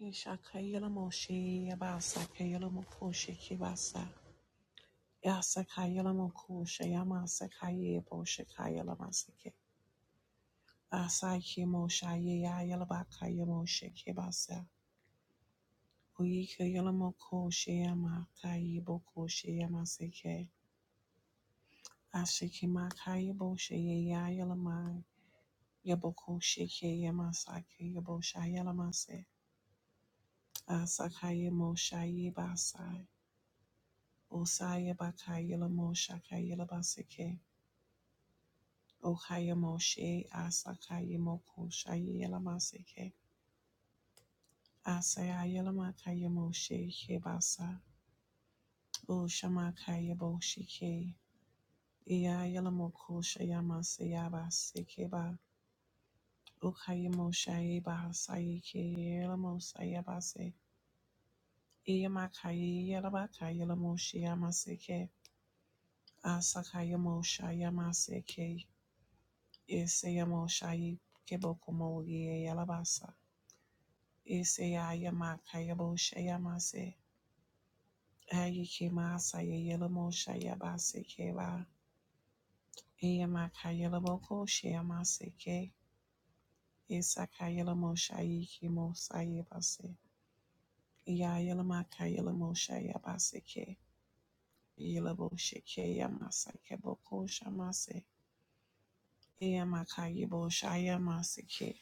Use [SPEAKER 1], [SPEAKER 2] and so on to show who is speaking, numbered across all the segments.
[SPEAKER 1] Ishakayela moshe yabasakayela mokoshe kibasa. Yasakayela mokoshe yamasakaye boshe masake. Asaki moshe yayela bakaye moshe kibasa. Uyikayela mokoshe yamakaye bokoshe yamasake. Ashiki makaye boshe yayela Yabokoshe yamasake yaboshe mase. Asakaye moshe yibasai. Osaya bakayela mosha kayela baseke. Okaya moshe asakaya moko shayela maseke. Asaya yela makaya moshe kebasa. O shamakaya boshike. Iya yela moko shayama seyaba sekeba. Okaya moshe bahasaya ke yela mosaya base. Iya makaya yela bakayela moshe yamaseke. Asakaya mosha yamaseke. Eseyamo shayi kebo komoye yalabasa. Eseyayama kayabo shayamase. Ayikema saye yelamo shayabase keba. Eyama kayelabo ko shayamase ke. Esaka yelamo shayi kemo sayebase. Ya yelama kayelamo shayabase ke. Yelabo shike yamasa kebo ko shamase. Eyama kayebo shayamase ke.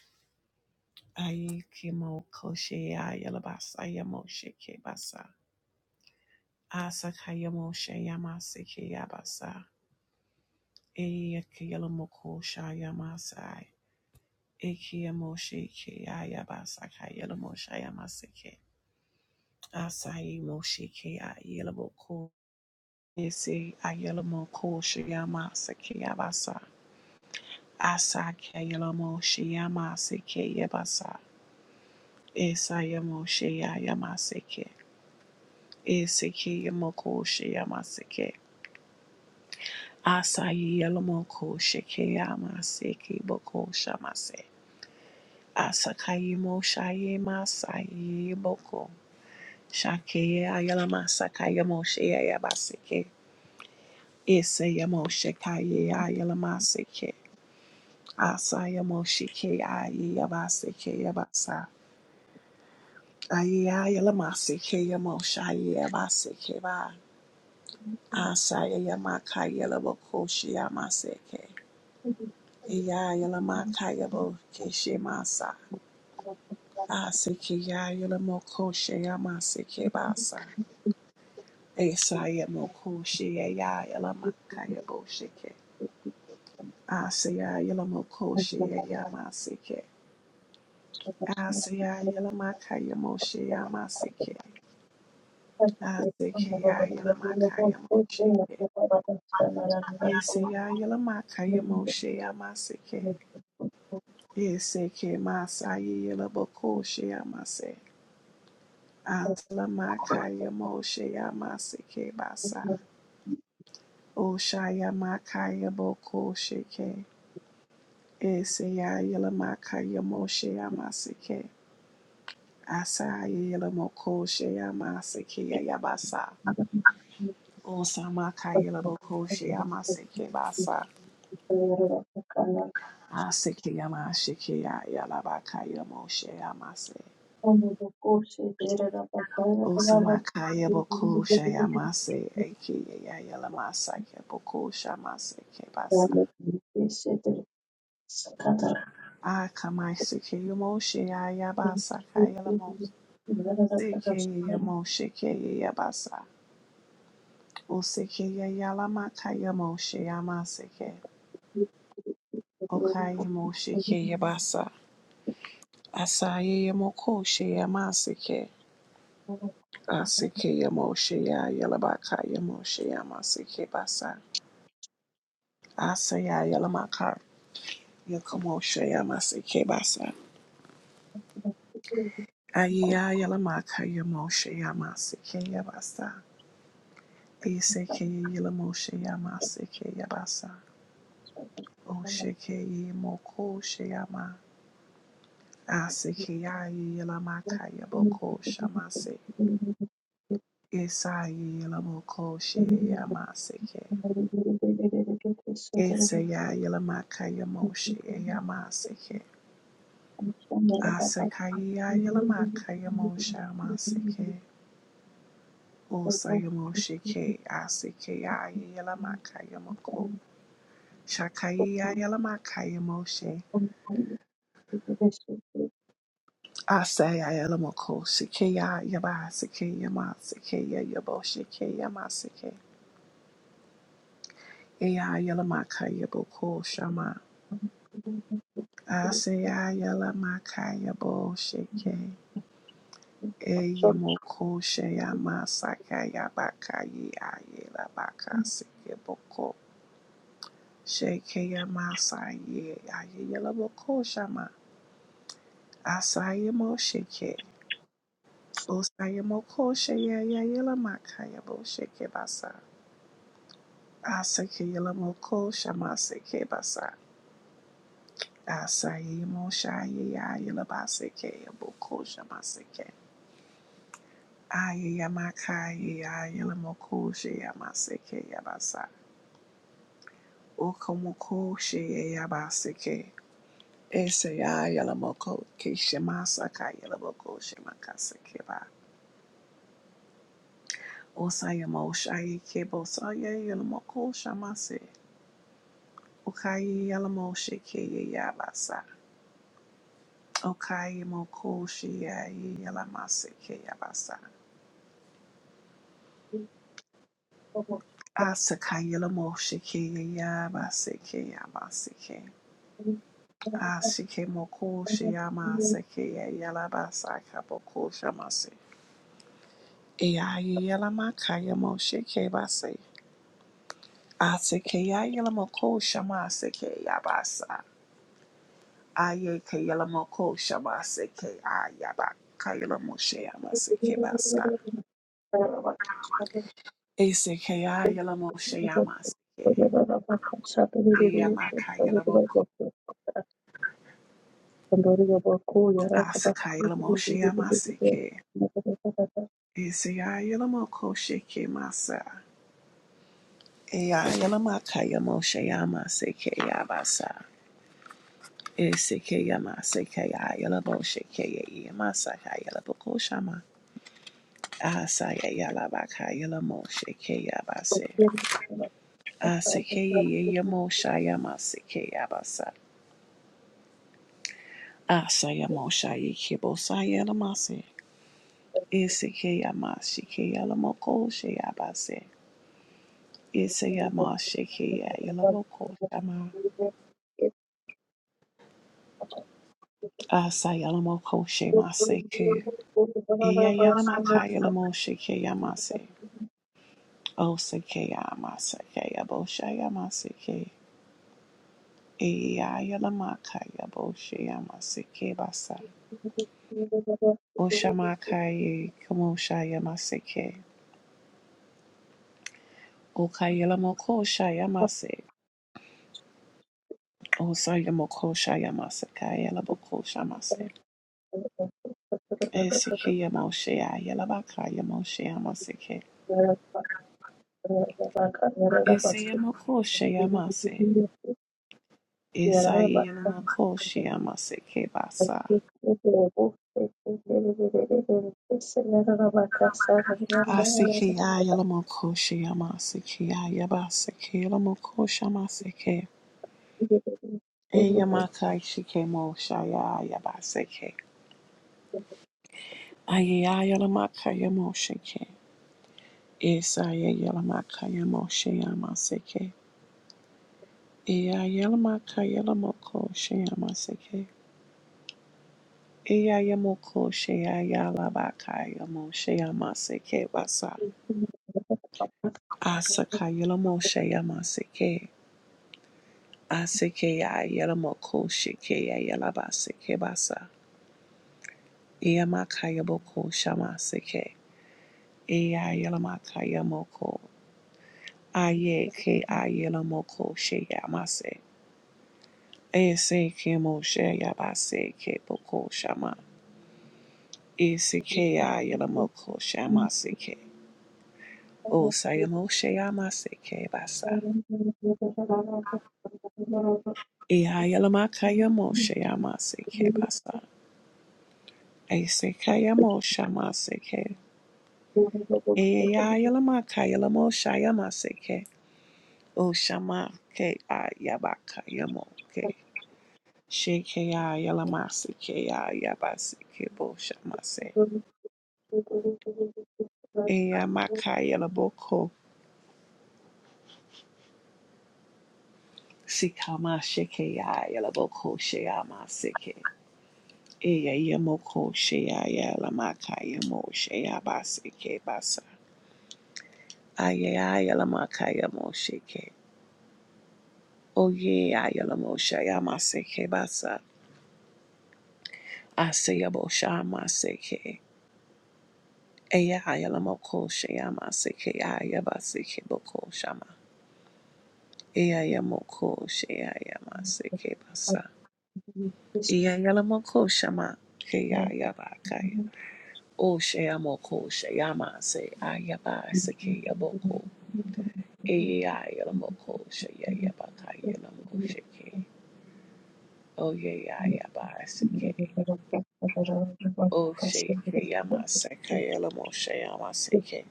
[SPEAKER 1] Aikimo Koshea Yalabasa Yamoshe Kebasa Asakayamo Shayamase Keyabasa Eakayalomoko Shayamasai Ekiyamoshe Keyabasa Kayalamo Shayamase Ke Asai Moshe Kea Yelaboko Ese Ayalamo Koshayamase Keyabasa Asakayalamo Shayamase Keyabasa Esayamo Shayamase Ke. Eseke yamoko shayamaseke. Asayi yalamoko sheke yamaseke boko shamase. Asakayi mo shaye masayi boko. Shake ayalamasaka yamoshe yabaseke. Ese yamoshe kaye ayalamaseke. Asa yamoshe ke aye yabaseke yabasa. Aye ayalamaseke yamoshe aye yabaseke ba. Asa yamakaya yalaboko shayamaseke.
[SPEAKER 2] Sakata
[SPEAKER 1] Iya yalamakaya bo keshe masa. Asike ya yalamoko she yamase ke basa. Esa yamoko she ya yalamakaya bo sheke. Asaya yalamoko she yamase ke. Asaya yalamakaya mo she yamase ke. Asike ya yalamakaya mo sheke. Yesaya yalamakaya mo she yamase ke. Yeseke masaya yalaboko she yamase. Asalamakaya Moshe Yamaseke Basa. Oshaya Makaya Boko Sheke. Esaya Yelamakaya Moshe Yamaseke. Asaya Yelamoko Shayamaseke Yabasa. Osamaka Yelaboko Shayamaseke Basa. Aseke Yamasheke Yalabaka Yamoshe Yamase. Osamakaya Boko Shayamase. Eke Yalamasa Yaboko Shamaseke Basa. Akamaisikeyomoshe ayabasa kayalamos. Sikeyomoshe keyabasa. Usikeyalama kayamoshe yamasike. Okayamoshe keyabasa. Asayemokoshe yamasike.
[SPEAKER 2] I'm
[SPEAKER 1] Asikeyomoshe yayalabaka yamoshe yamasike basa. Asayayalamaka yakomoshe yamasike basa. Ayyayalamaka yamoshe yamasike yabasa. Eseke yela yilamoshe yama seke yabasa. Osheke yimoko sheyama. Aseke yayi yilamaka yaboko shamase. Isa yilamoko sheyama seke. Ese ya yela makaya yamoshe yama seke. Aseka ya yela makaya yamoshe yama seke. Osa yamoshe ke aseke ya yilamaka yamoko. Shakayi ya yilamaka Asaya Elamoko, Shikeya Yaba, Sikeya Ma, Sikeya Yabo, Shikeya Ma, Sike, Eya Yelamaka Yaboko, Shama, Asaya Yelamaka Yabo, Shike, Eyamoko, Sheya Ma, Saka Yabaka, Yea Yelabaka, Sikeboko, Shikeya Ma, Saye, Ayelaboko, Shama, Asaya Mo, Shike, Osaya Moko, Sheya Yelamaka Yabo, Shike Basa. Asake Yelamoko Shamaseke Basa. Asayemo Shaye Yelabaseke Boko Shamaseke. Aye Yamakaye Yelamoko Shayamaseke Yabasa. Okomoko Shaye Yabaseke. Ese Yelamoko Kishamasaka Yelamoko Shamakaseke Ba. Osayemo Shaye Kebo Saye Yelamoko Shamase. Ukaye Yelamo Sheke Yabasa. Okaye mo ko shi ya ye ya la ma se mo shi ke ya ya ba se ke
[SPEAKER 2] Thank sure.
[SPEAKER 1] mo ko
[SPEAKER 2] Thank
[SPEAKER 1] shi ya ma
[SPEAKER 2] you.
[SPEAKER 1] se ke ya ya E ya ye ya mo shi ke ba se. Asike ya mo ko sha ma se Aye ke ya mo ko sha ma se ke a ya ba ka ya la mo shi se ke ba sa. mo shi ya ma Eyamakayelaboko asakayelamosheyamaseke. Eseyayelamokoshekemasa. Eyayelamakayemosheyamaseke yabasa. Esekeyamasekeyayelaboshekeyeyamasakayelabokoshama. Asayayelabakayelamoshekeyabase. Asekeyeyemoshayamaseke yabasa. Asayamoshayekibosayelamase. Esekeyamashikeyelamokosheyabase. Isayama Shekia Yalamoko Shama Asayalamoko Shema Seku Iya Yalamaka Yalamo Shekia Mase O Sekia Masakaya Boshaya Maseke Iya Yalamaka Yaboshaya Maseke Basa Oshamaka Ye Kamoshaya Maseke Okayalamoko Shaya Mase Osayamoko Shaya Masakaya Laboko Shamase Esekia yamoshe Yalabaka Yamoshea Eseyamakosheyamase. Esayelamakosheyamase kebasa. Asekeyayelamakosheyamase keyayabase keyelamakoshamase ke. Eyamakaishikemoshayayabase ke. Ayeyayelamakayamoshe ke. Esayelamakayamosheyamase ke. Eyayelamakalamakosheyamase ke. Eyayamokosheyalalabakayamosheyamaseke basa. Asaka Yelamo Shayama Seke Aseke Yelamo Ko Shike Yelaba Seke Basa Yamaka Shama Seke Eya Yelamaka Aye Ke Ayelamoko Shayamase Ese Kemo Shayabase Ke Boko Shama Eseke Ayelamoko Shama Seke O Sayamo Shayama Seke Basa Eya Yelamaka Shayama Seke Basa Esekayamo shama seke. Eyayalama kayalamo shayama seke. O shama ke ayabaka yamo ke. Sheke ayalama seke ayabaseke bo shama se.
[SPEAKER 2] Thank you.
[SPEAKER 1] Eyamaka yalaboko. Sikama sheke ayalaboko shayama seke. Eyayamoko shayalamaka yamo shayabaseke basa. Ayayalamakayamo sheke. Oh yeah, Ayalamosha Yamaseke Basa. Asayabosha Maseke. Eya Ayalamoko Shayamaseke Ayabaseke Boko Shama. Eya Yamoko Shayamaseke Basa. Eya Yalamoko Shama. Keya Yabakaya. O Shayamoko Shayamase Ayabaseke Yaboko. Eya Yalamoko Shayabakaya Lamoseke. Oh yeah, Yabaseke. Oshe Yamaseke Yelamoshe Yamaseke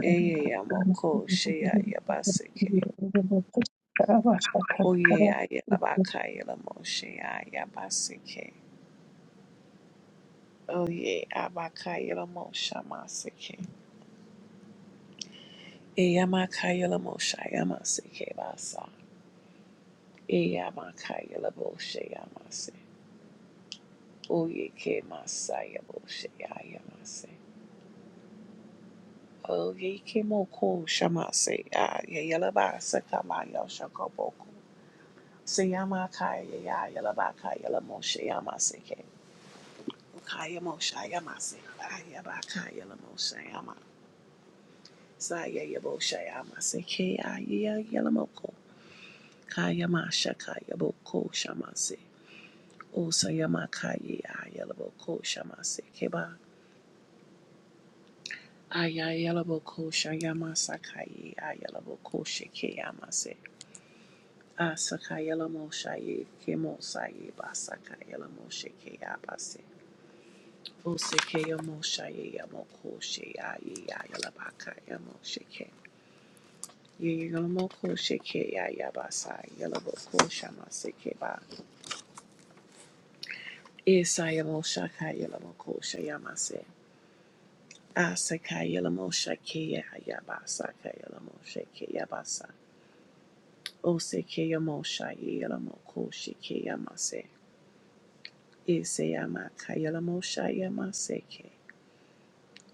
[SPEAKER 1] Eye Yamoko Shea Yabaseke Oye Ayabaka Yelamoshe Yabaseke Oye Abaka Yelamosha Maseke Eyamaka Yelamosha Yamaseke Basa Eyamaka Yelaboshe Yamase Oye Ke Masaya Boshe Yamase Oye Ke Moko Shamase ya Yelabasa Kamaya Shakoboko Seyama kaya ya yalabaka yalamoshe yamaseke. moshe yama seke Ayabaka moshe yama. seke. Aya baka yala moshe yama. Saya yabosha yamaseke ya yalamoko. Kaya masha kaya boko shamase. Osa yamaka ya yalaboko shamase keba. Aya yalaboko shayamasa kaya ya yalaboko sheke yamase. Asaka yalamosha ye kemosa ye basaka yalamoshe ke yaba se. Oseke yamoshaye yamokoshe yaye yayalabaka yamosheke. Yeyamokosheke yayabasa yalabokosha maseke ba. Isa yamoshaka yalamokosha yamase. Asaka yalamoshake yayabasa yalamosheke yabasa. Oseke yamoshaye yalamokosheke yamase. Ise yamaka yalamosha yamaseke.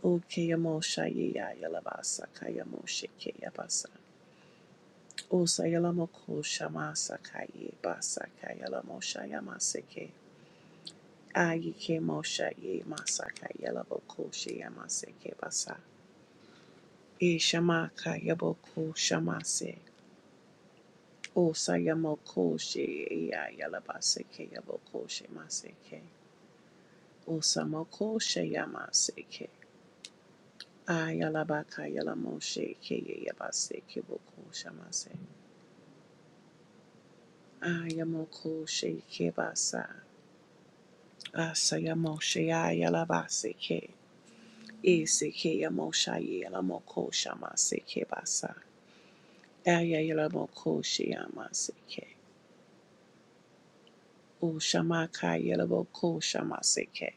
[SPEAKER 1] Oke yamoshaye yayalabasa kayamosheke yabasa. Osayalamo shama sakaye basakayala moshaya maseke. Ayike moshaye masakayala boko shayama seke basa. E shama kayaboko shama se. Osayamoko she ayala baseke yaboko shama seke. Osamoko shaya maseke. Ayala bakayala moshe ke yabaseke boko shama se. Ayamoko she ke basa. Asayamoshayalabaseke. Isikeyamoshayelamokoshamaseke Ayayalamokoshyamaseke. Ushamakayalabokoshamaseke.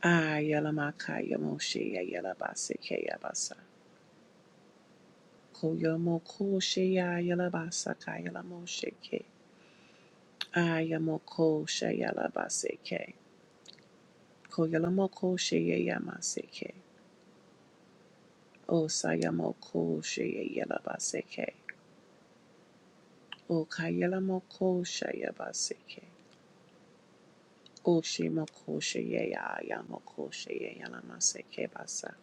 [SPEAKER 1] Ayalamakayamoshyayalabaseke yabasa. Koyamokoshyayalabasakayalamosheke. Ayamokoshyayalabaseke. Koyalamokoshayamaseke. Osayamokoshyayalabaseke. O kayela moko shayabaseke. O shimoko shayaya yamoko shayayala maseke basa.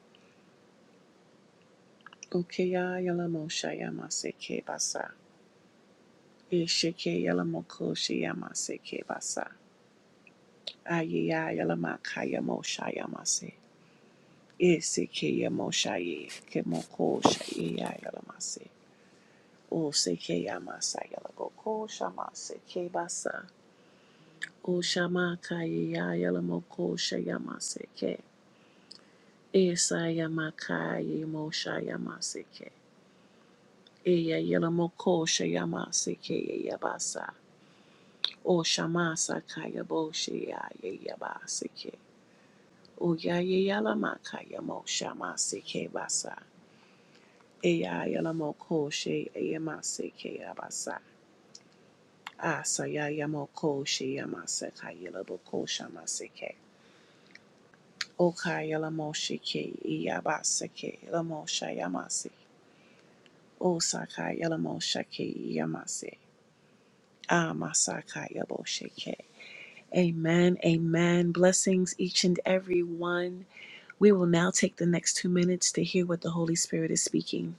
[SPEAKER 1] O kaya yala mo shayamaseke basa. E sheke yala moko shayamaseke basa. Ayaya yala makaya mo shayamase. E seke yamo shaye ke moko shayaya yala mase. O seke yamasa yala goko shamaseke basa. O shama kayaya yala moko shayamase Esayamakaya Moshayamaseke. Eya Yelamoko Shayamaseke Yabasa. O Shamasa Kaya Boshia Yabaseke. O Yaya Yalamakaya Moshamaseke Basa. Eya Yelamoko Shayamaseke Yabasa. Asaya Yamoko Shayamaseka Yelaboko Shamaseke. O Kaya Lamoshike Yabaseke Lamoshayamaseke. O Sakai, Yelamo Shake Yamase. Ah Masaka Yabo Shake. Amen. Amen. Blessings each and every one. We will now take the next two minutes to hear what the Holy Spirit is speaking.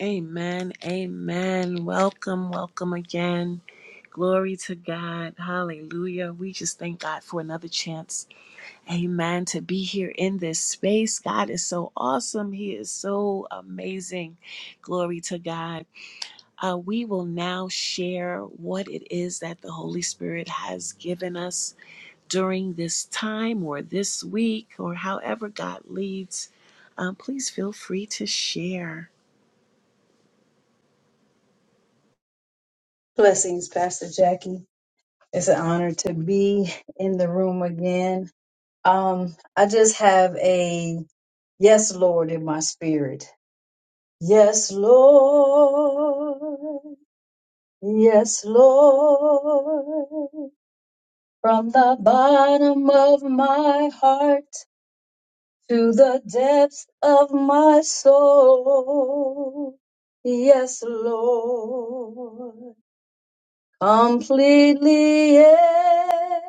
[SPEAKER 1] Amen. Amen. Welcome. Welcome again. Glory to God. Hallelujah. We just thank God for another chance. Amen. To be here in this space. God is so awesome. He is so amazing. Glory to God. Uh, we will now share what it is that the Holy Spirit has given us during this time or this week or however God leads. Um, please feel free to share.
[SPEAKER 2] Blessings, Pastor Jackie. It's an honor to be in the room again. Um, I just have a Yes, Lord, in my spirit. Yes, Lord. Yes, Lord. From the bottom of my heart to the depths of my soul. Yes, Lord. Completely, yeah,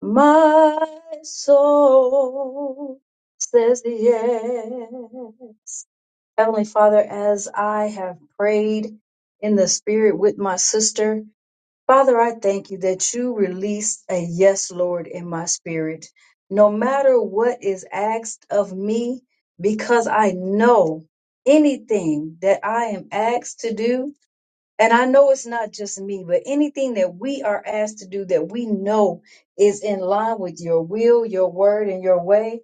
[SPEAKER 2] my soul says yes. Heavenly Father, as I have prayed in the spirit with my sister, Father, I thank you that you released a yes, Lord, in my spirit. No matter what is asked of me, because I know anything that I am asked to do, and I know it's not just me, but anything that we are asked to do that we know is in line with your will, your word, and your way.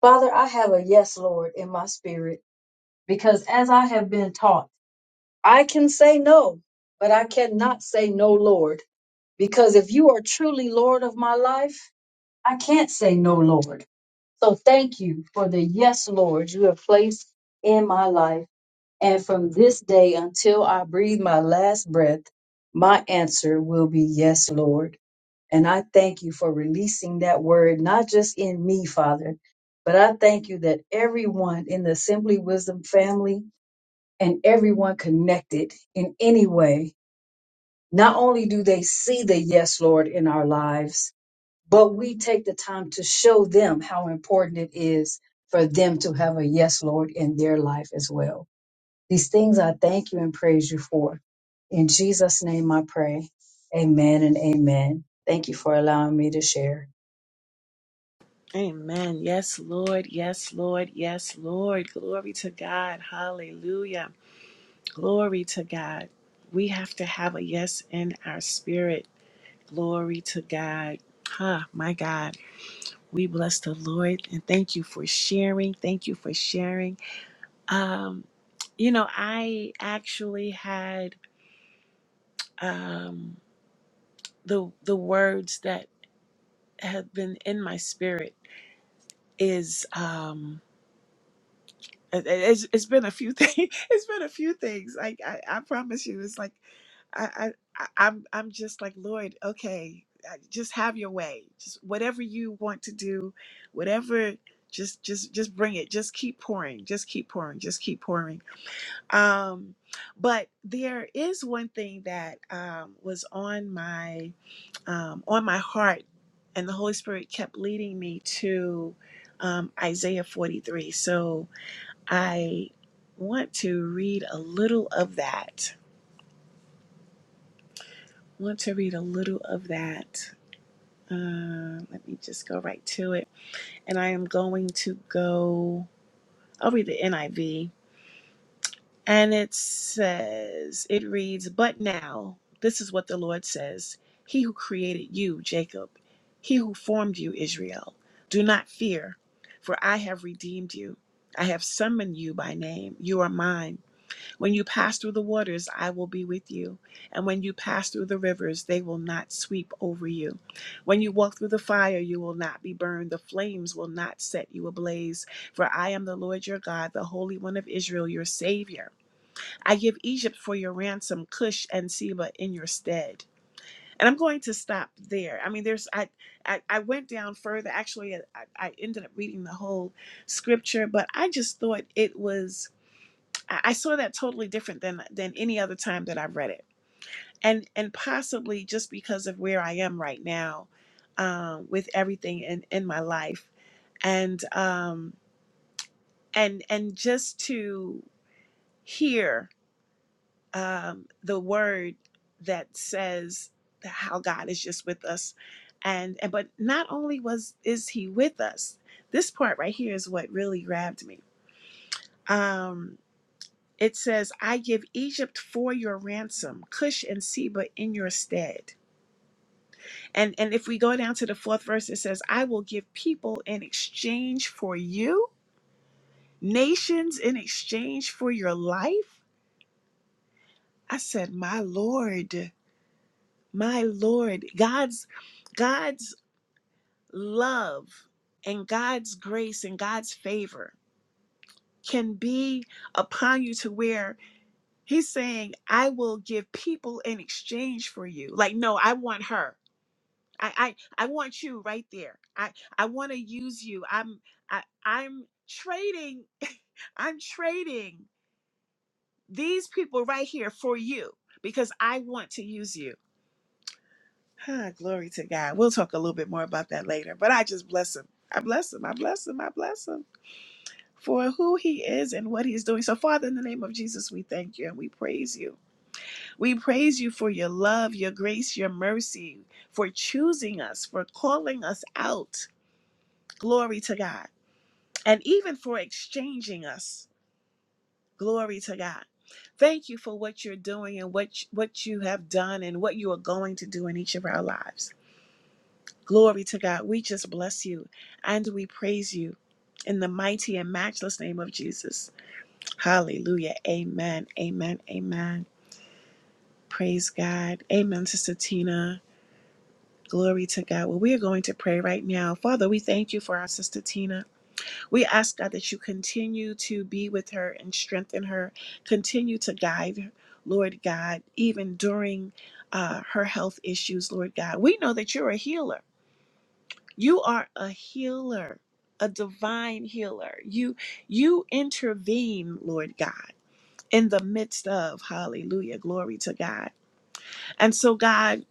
[SPEAKER 2] Father, I have a yes, Lord, in my spirit because as I have been taught, I can say no, but I cannot say no, Lord, because if you are truly Lord of my life, I can't say no, Lord. So thank you for the yes, Lord, you have placed in my life. And from this day until I breathe my last breath, my answer will be yes, Lord. And I thank you for releasing that word, not just in me, Father, but I thank you that everyone in the Simply Wisdom family and everyone connected in any way, not only do they see the yes, Lord, in our lives, but we take the time to show them how important it is for them to have a yes, Lord, in their life as well. These things I thank you and praise you for. In Jesus' name I pray. Amen and amen. Thank you for allowing me to share.
[SPEAKER 1] Amen. Yes, Lord. Yes, Lord. Yes, Lord. Glory to God. Hallelujah. Glory to God. We have to have a yes in our spirit. Glory to God. Ah, my God. We bless the Lord and thank you for sharing. Thank you for sharing. Um, you know, I actually had um, the the words that have been in my spirit is um, it, it's, it's been a few things. It's been a few things. Like I, I promise you, it's like I, I, I- I'm, I'm just like Lord. Okay, uh, just have your way. Just whatever you want to do, whatever. Just, just, just bring it. Just keep pouring. Just keep pouring. Just keep pouring Um, but there is one thing that um, was on my um, on my heart, and the Holy Spirit kept leading me to um, Isaiah 43. So I want to read a little of that. Want to read a little of that. Uh, let me just go right to it, and I am going to go. I'll read the NIV And it says, it reads, But now, this is what the Lord says He who created you, Jacob, he who formed you, Israel, do not fear, for I have redeemed you. I have summoned you by name. You are mine. When you pass through the waters, I will be with you. And when you pass through the rivers, they will not sweep over you. When you walk through the fire, you will not be burned. The flames will not set you ablaze. For I am the Lord your God, the Holy One of Israel, your Savior. I give Egypt for your ransom, Cush and Seba in your stead. And I'm going to stop there. I mean, there's I I, I went down further. Actually, I, I ended up reading the whole scripture, but I just thought it was I I saw that totally different than than any other time that I have read it, and and possibly just because of where I am right now, um, with everything in in my life, and um and and just to hear um, the word that says how God is just with us, and, and but not only was is He with us, this part right here is what really grabbed me. Um, it says, "I give Egypt for your ransom, Cush and Seba in your stead." And and if we go down to the fourth verse, it says, "I will give people in exchange for you, nations in exchange for your life." I said, "My Lord." My Lord, God's God's love and God's grace and God's favor can be upon you to where he's saying, I will give people in exchange for you. Like, no, I want her. I I, I want you right there. I, I want to use you. I'm I, I'm trading I'm trading these people right here for you because I want to use you. Ah, glory to God. We'll talk a little bit more about that later. But I just bless him. I bless him. I bless him. I bless him for who he is and what he's doing. So, Father, in the name of Jesus, we thank you and we praise you. We praise you for your love, your grace, your mercy, for choosing us, for calling us out. Glory to God. And even for exchanging us. Glory to God. Thank you for what you're doing and what, what you have done and what you are going to do in each of our lives. Glory to God. We just bless you and we praise you in the mighty and matchless name of Jesus. Hallelujah. Amen. Amen. Amen. Praise God. Amen, Sister Tina. Glory to God. Well, we are going to pray right now. Father, we thank you for our sister Tina. We ask God that you continue to be with her and strengthen her, continue to guide her, Lord God, even during uh, her health issues, Lord God. We know that you're a healer. You are a healer, a divine healer. You you intervene, Lord God, in the midst of hallelujah, glory to God. And so God,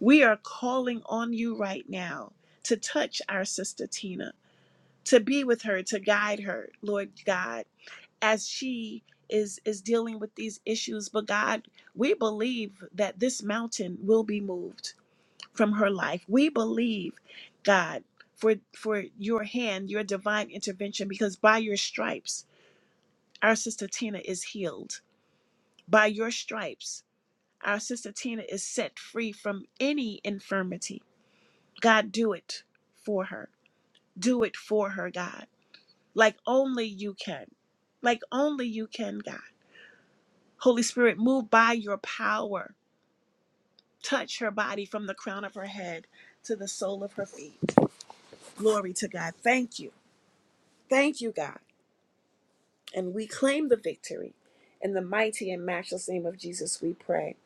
[SPEAKER 1] we are calling on you right now to touch our sister Tina, to be with her, to guide her, Lord God, as she is is dealing with these issues, but God, we believe that this mountain will be moved from her life. We believe, God, for for your hand, your divine intervention, because by your stripes, our sister Tina is healed. By your stripes, our sister Tina is set free from any infirmity. God, do it for her. Do it for her, God. Like only you can. Like only you can, God. Holy Spirit, move by your power. Touch her body from the crown of her head to the sole of her feet. Glory to God. Thank you Thank you, God. And we claim the victory. In the mighty and matchless name of Jesus, we pray.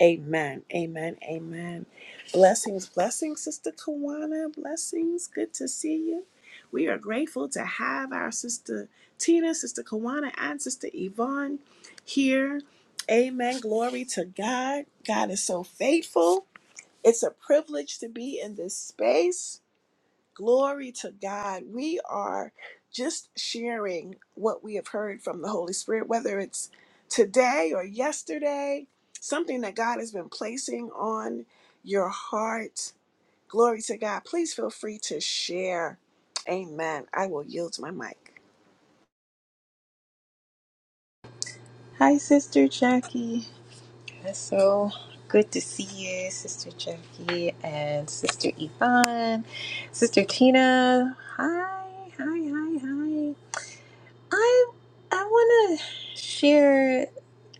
[SPEAKER 1] Amen. Amen. Amen. Blessings, blessings, Sister Kawana. Blessings. Good to see you. We are grateful to have our sister Tina, Sister Kawana, and Sister Yvonne here. Amen. Glory to God. God is so faithful. It's a privilege to be in this space. Glory to God. We are just sharing what we have heard from the Holy Spirit, whether it's today or yesterday, something that God has been placing on your heart. Glory to God. Please feel free to share. Amen. I will yield my mic.
[SPEAKER 3] Hi, Sister Jackie. It's so good to see you, Sister Jackie and Sister Yvonne, Sister Tina. Hi, hi, hi, hi. I I want to share,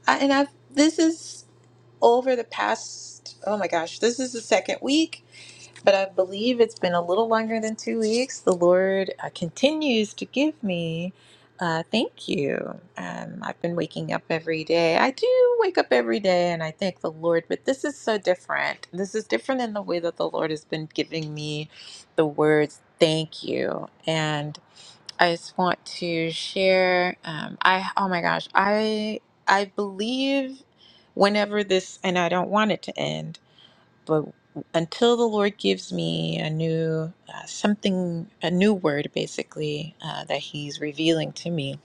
[SPEAKER 3] I, and I've this is over the past. Oh my gosh, this is the second week but I believe it's been a little longer than two weeks. The Lord uh, continues to give me. Uh, thank you. Um, I've been waking up every day. I do wake up every day and I thank the Lord, but this is so different. This is different in the way that the Lord has been giving me the words thank you. And I just want to share. Um, I oh my gosh, I I believe whenever this and I don't want it to end but until the Lord gives me a new uh, something, a new word, basically uh, that He's revealing to me,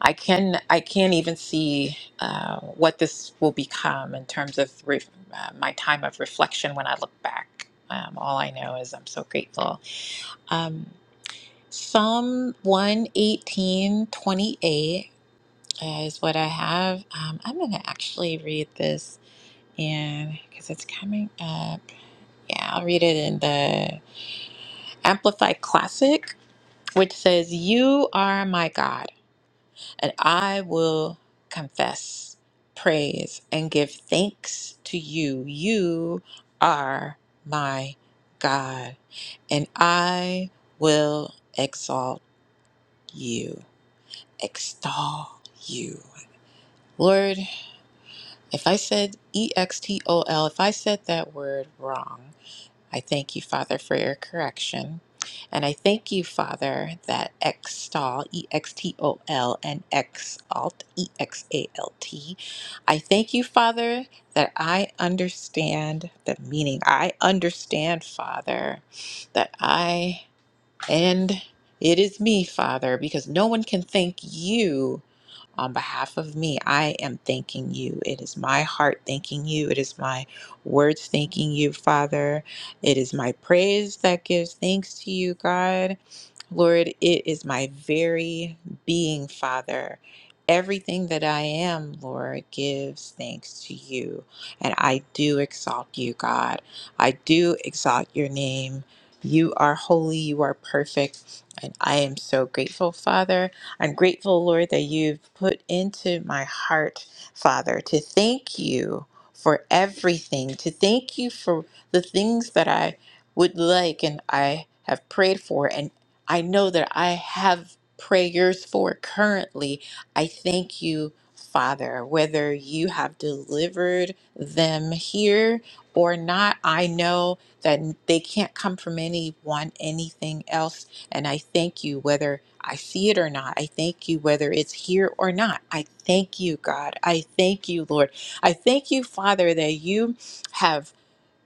[SPEAKER 3] I can I can't even see uh, what this will become in terms of re- uh, my time of reflection when I look back. Um, all I know is I'm so grateful. Um, Psalm 118:28 is what I have. Um, I'm going to actually read this and because it's coming up. Yeah, I'll read it in the Amplified Classic, which says, You are my God, and I will confess, praise, and give thanks to you. You are my God, and I will exalt you, extol you. Lord, if I said E X T O L, if I said that word wrong, I thank you, Father, for your correction. And I thank you, Father, that extol, E X T O L, and exalt, E X A L T. I thank you, Father, that I understand the meaning. I understand, Father, that I and it is me, Father, because no one can thank you on behalf of me, I am thanking you. It is my heart thanking you. It is my words thanking you, Father. It is my praise that gives thanks to you, God. Lord, it is my very being, Father. Everything that I am, Lord, gives thanks to you. And I do exalt you, God. I do exalt your name. You are holy, you are perfect. And I am so grateful, Father I'm grateful, Lord, that you've put into my heart, Father, to thank you for everything, to thank you for the things that I would like and I have prayed for, and I know that I have prayers for currently. I thank you. Father, whether you have delivered them here or not, I know that they can't come from anyone, anything else. And I thank you, whether I see it or not. I thank you, whether it's here or not. I thank you, God. I thank you, Lord. I thank you, Father, that you have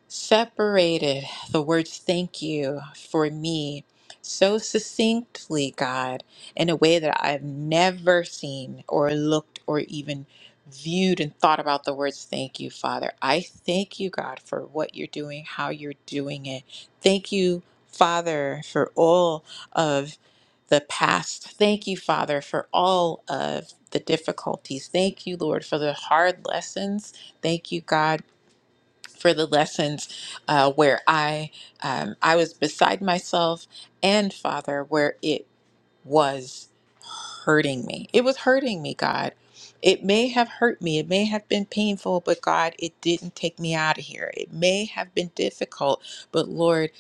[SPEAKER 3] separated the words thank you for me so succinctly, God, in a way that I've never seen or looked or even viewed and thought about the words thank you, Father. I thank you, God, for what you're doing, how you're doing it. Thank you, Father, for all of the past. Thank you, Father, for all of the difficulties. Thank you, Lord, for the hard lessons. Thank you, God for the lessons uh, where I um, I was beside myself and Father, where it was hurting me. It was hurting me, God. It may have hurt me. It may have been painful, but God, it didn't take me out of here. It may have been difficult, but Lord,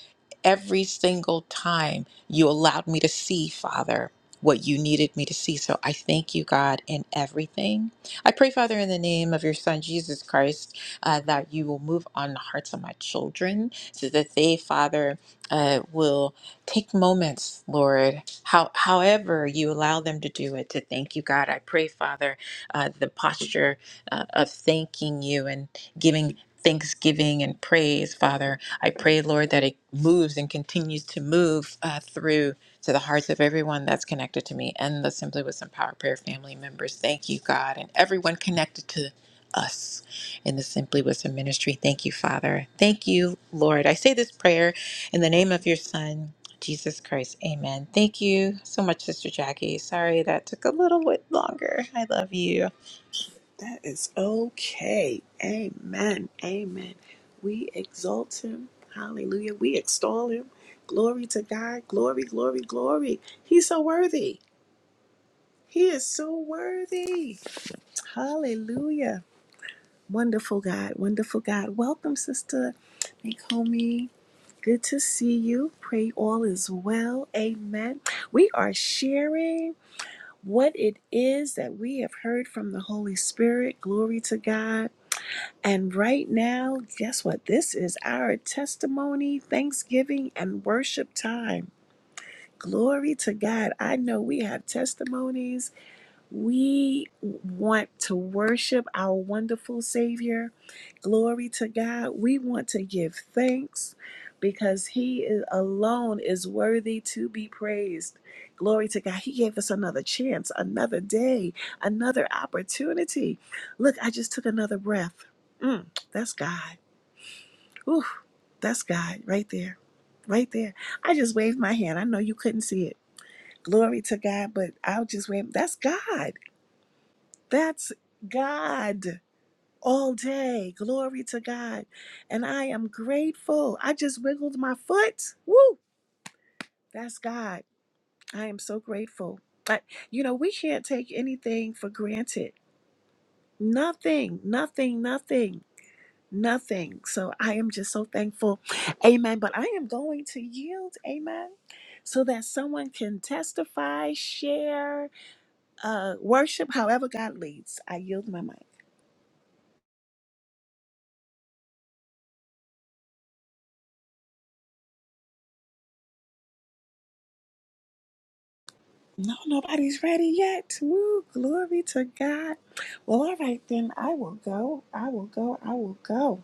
[SPEAKER 3] every single time you allowed me to see, Father, what you needed me to see. So I thank you, God, in everything. I pray, Father, in the name of your Son, Jesus Christ, uh, that you will move on the hearts of my children so that they, Father, uh, will. Take moments, Lord, how, however you allow them to do it, to thank you, God. I pray, Father, uh, the posture uh, of thanking you and giving thanksgiving and praise, Father. I pray, Lord, that it moves and continues to move uh, through to the hearts of everyone that's connected to me and the Simply with Some Power Prayer family members. Thank you, God, and everyone connected to us in the Simply Wisdom ministry. Thank you, Father. Thank you, Lord. I say this prayer in the name of your Son. Jesus Christ. Amen. Thank you so much, Sister Jackie. Sorry that took a little bit longer. I love you.
[SPEAKER 1] That is okay. Amen. Amen. We exalt him. Hallelujah. We extol him. Glory to God. Glory, glory, glory. He's so worthy. He is so worthy. Hallelujah. Wonderful God. Wonderful God. Welcome, Sister Nakomi. Good to see you. Pray all is well. Amen. We are sharing what it is that we have heard from the Holy Spirit. Glory to God. And right now, guess what? This is our testimony, thanksgiving, and worship time. Glory to God. I know we have testimonies We want to worship our wonderful Savior. Glory to God. We want to give thanks because He is, alone is worthy to be praised. Glory to God. He gave us another chance, another day, another opportunity. Look, I just took another breath. Mm, that's God. Ooh, that's God right there. Right there. I just waved my hand. I know you couldn't see it. Glory to God, but I'll just wave. That's God. That's God all day. Glory to God. And I am grateful. I just wiggled my foot. Woo! That's God. I am so grateful. But, you know, we can't take anything for granted. Nothing, nothing, nothing, nothing. So I am just so thankful. Amen. But I am going to yield. Amen. So that someone can testify, share, uh, worship, however God leads. I yield my mic. No, nobody's ready yet. Woo, glory to God. Well, all right, then I will go. I will go. I will go.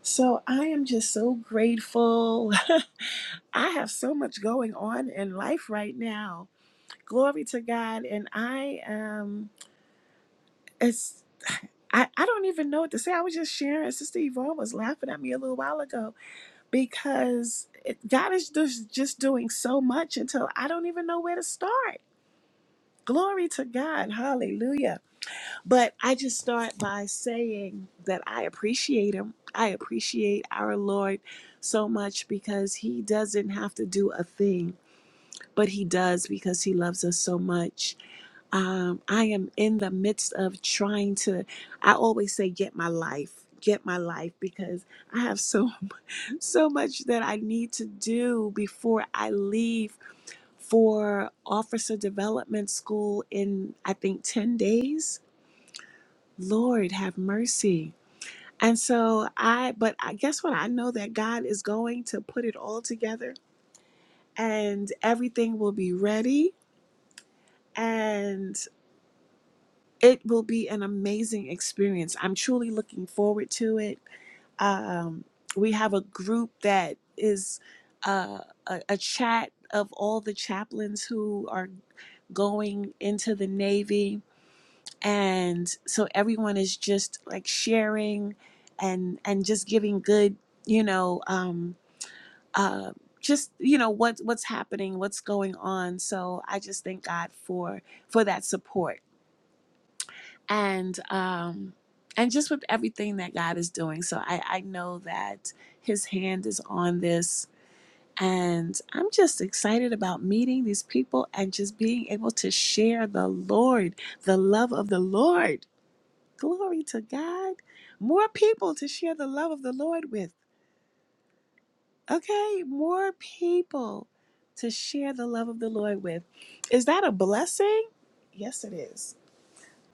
[SPEAKER 1] So I am just so grateful. I have so much going on in life right now. Glory to God. And I um it's I, I don't even know what to say. I was just sharing. Sister Yvonne was laughing at me a little while ago because it, God is just, just doing so much until I don't even know where to start. Glory to God. Hallelujah. But I just start by saying that I appreciate him. I appreciate our Lord so much because he doesn't have to do a thing, but he does because he loves us so much. Um, I am in the midst of trying to, I always say, get my life, get my life because I have so, so much that I need to do before I leave for officer development school in, I think, 10 days. Lord, have mercy. And so I, but I guess what? I know that God is going to put it all together and everything will be ready and it will be an amazing experience. I'm truly looking forward to it. Um, we have a group that is uh, a, a chat of all the chaplains who are going into the Navy. And so everyone is just like sharing and, and just giving good, you know, um, uh, just you know what what's happening what's going on so i just thank god for for that support and um and just with everything that god is doing so i i know that his hand is on this and i'm just excited about meeting these people and just being able to share the lord the love of the lord glory to god more people to share the love of the lord with okay, more people to share the love of the Lord with. Is that a blessing? Yes, it is.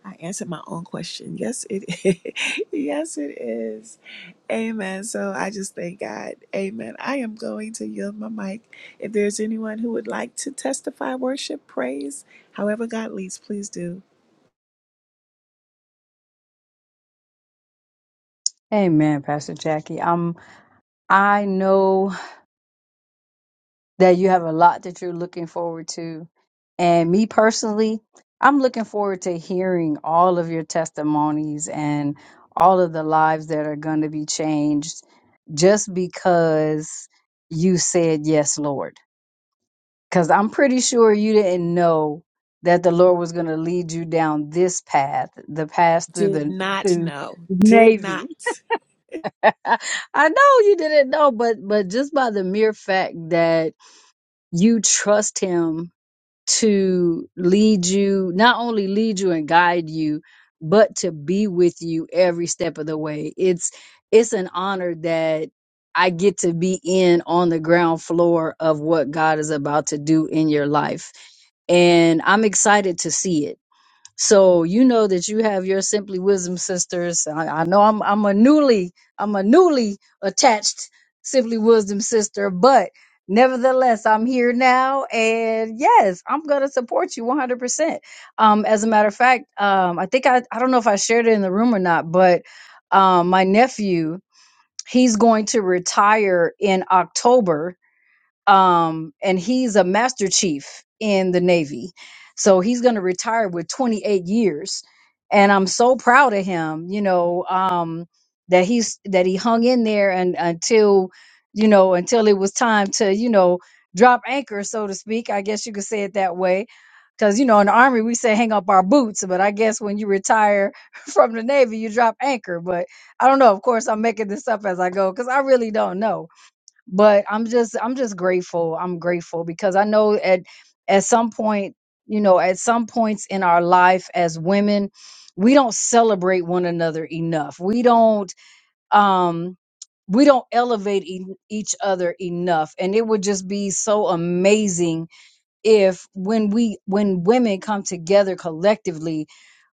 [SPEAKER 1] I answered my own question. Yes, it is. yes, it is. Amen. So I just thank God. Amen. I am going to yield my mic. If there's anyone who would like to testify, worship, praise, however God leads, please do.
[SPEAKER 2] Amen, Pastor Jackie. Um, I know. that you have a lot that you're looking forward to. And me personally, I'm looking forward to hearing all of your testimonies and all of the lives that are going to be changed just because you said yes, Lord. Because I'm pretty sure you didn't know that the Lord was going to lead you down this path, the path through
[SPEAKER 1] Did
[SPEAKER 2] the
[SPEAKER 1] not
[SPEAKER 2] to
[SPEAKER 1] know. Did
[SPEAKER 2] Navy.
[SPEAKER 1] not.
[SPEAKER 2] I know you didn't know, but but just by the mere fact that you trust Him to lead you, not only lead you and guide you, but to be with you every step of the way. It's it's an honor that I get to be in on the ground floor of what God is about to do in your life. And I'm excited to see it. So you know that you have your Simply Wisdom sisters. I, I know I'm I'm a newly I'm a newly attached Simply Wisdom sister, but nevertheless I'm here now, and yes, I'm gonna support you 100. percent Um, as a matter of fact, um, I think I I don't know if I shared it in the room or not, but um, my nephew he's going to retire in October um, and he's a master chief in the Navy. So he's going to retire with 28 years, and I'm so proud of him. You know um, that he's that he hung in there and until you know until it was time to you know drop anchor, so to speak. I guess you could say it that way. Because you know, in the army we say hang up our boots, but I guess when you retire from the navy, you drop anchor. But I don't know. Of course, I'm making this up as I go because I really don't know but i'm just i'm just grateful i'm grateful because i know at at some point you know at some points in our life as women we don't celebrate one another enough we don't um we don't elevate e- each other enough and it would just be so amazing if when we when women come together collectively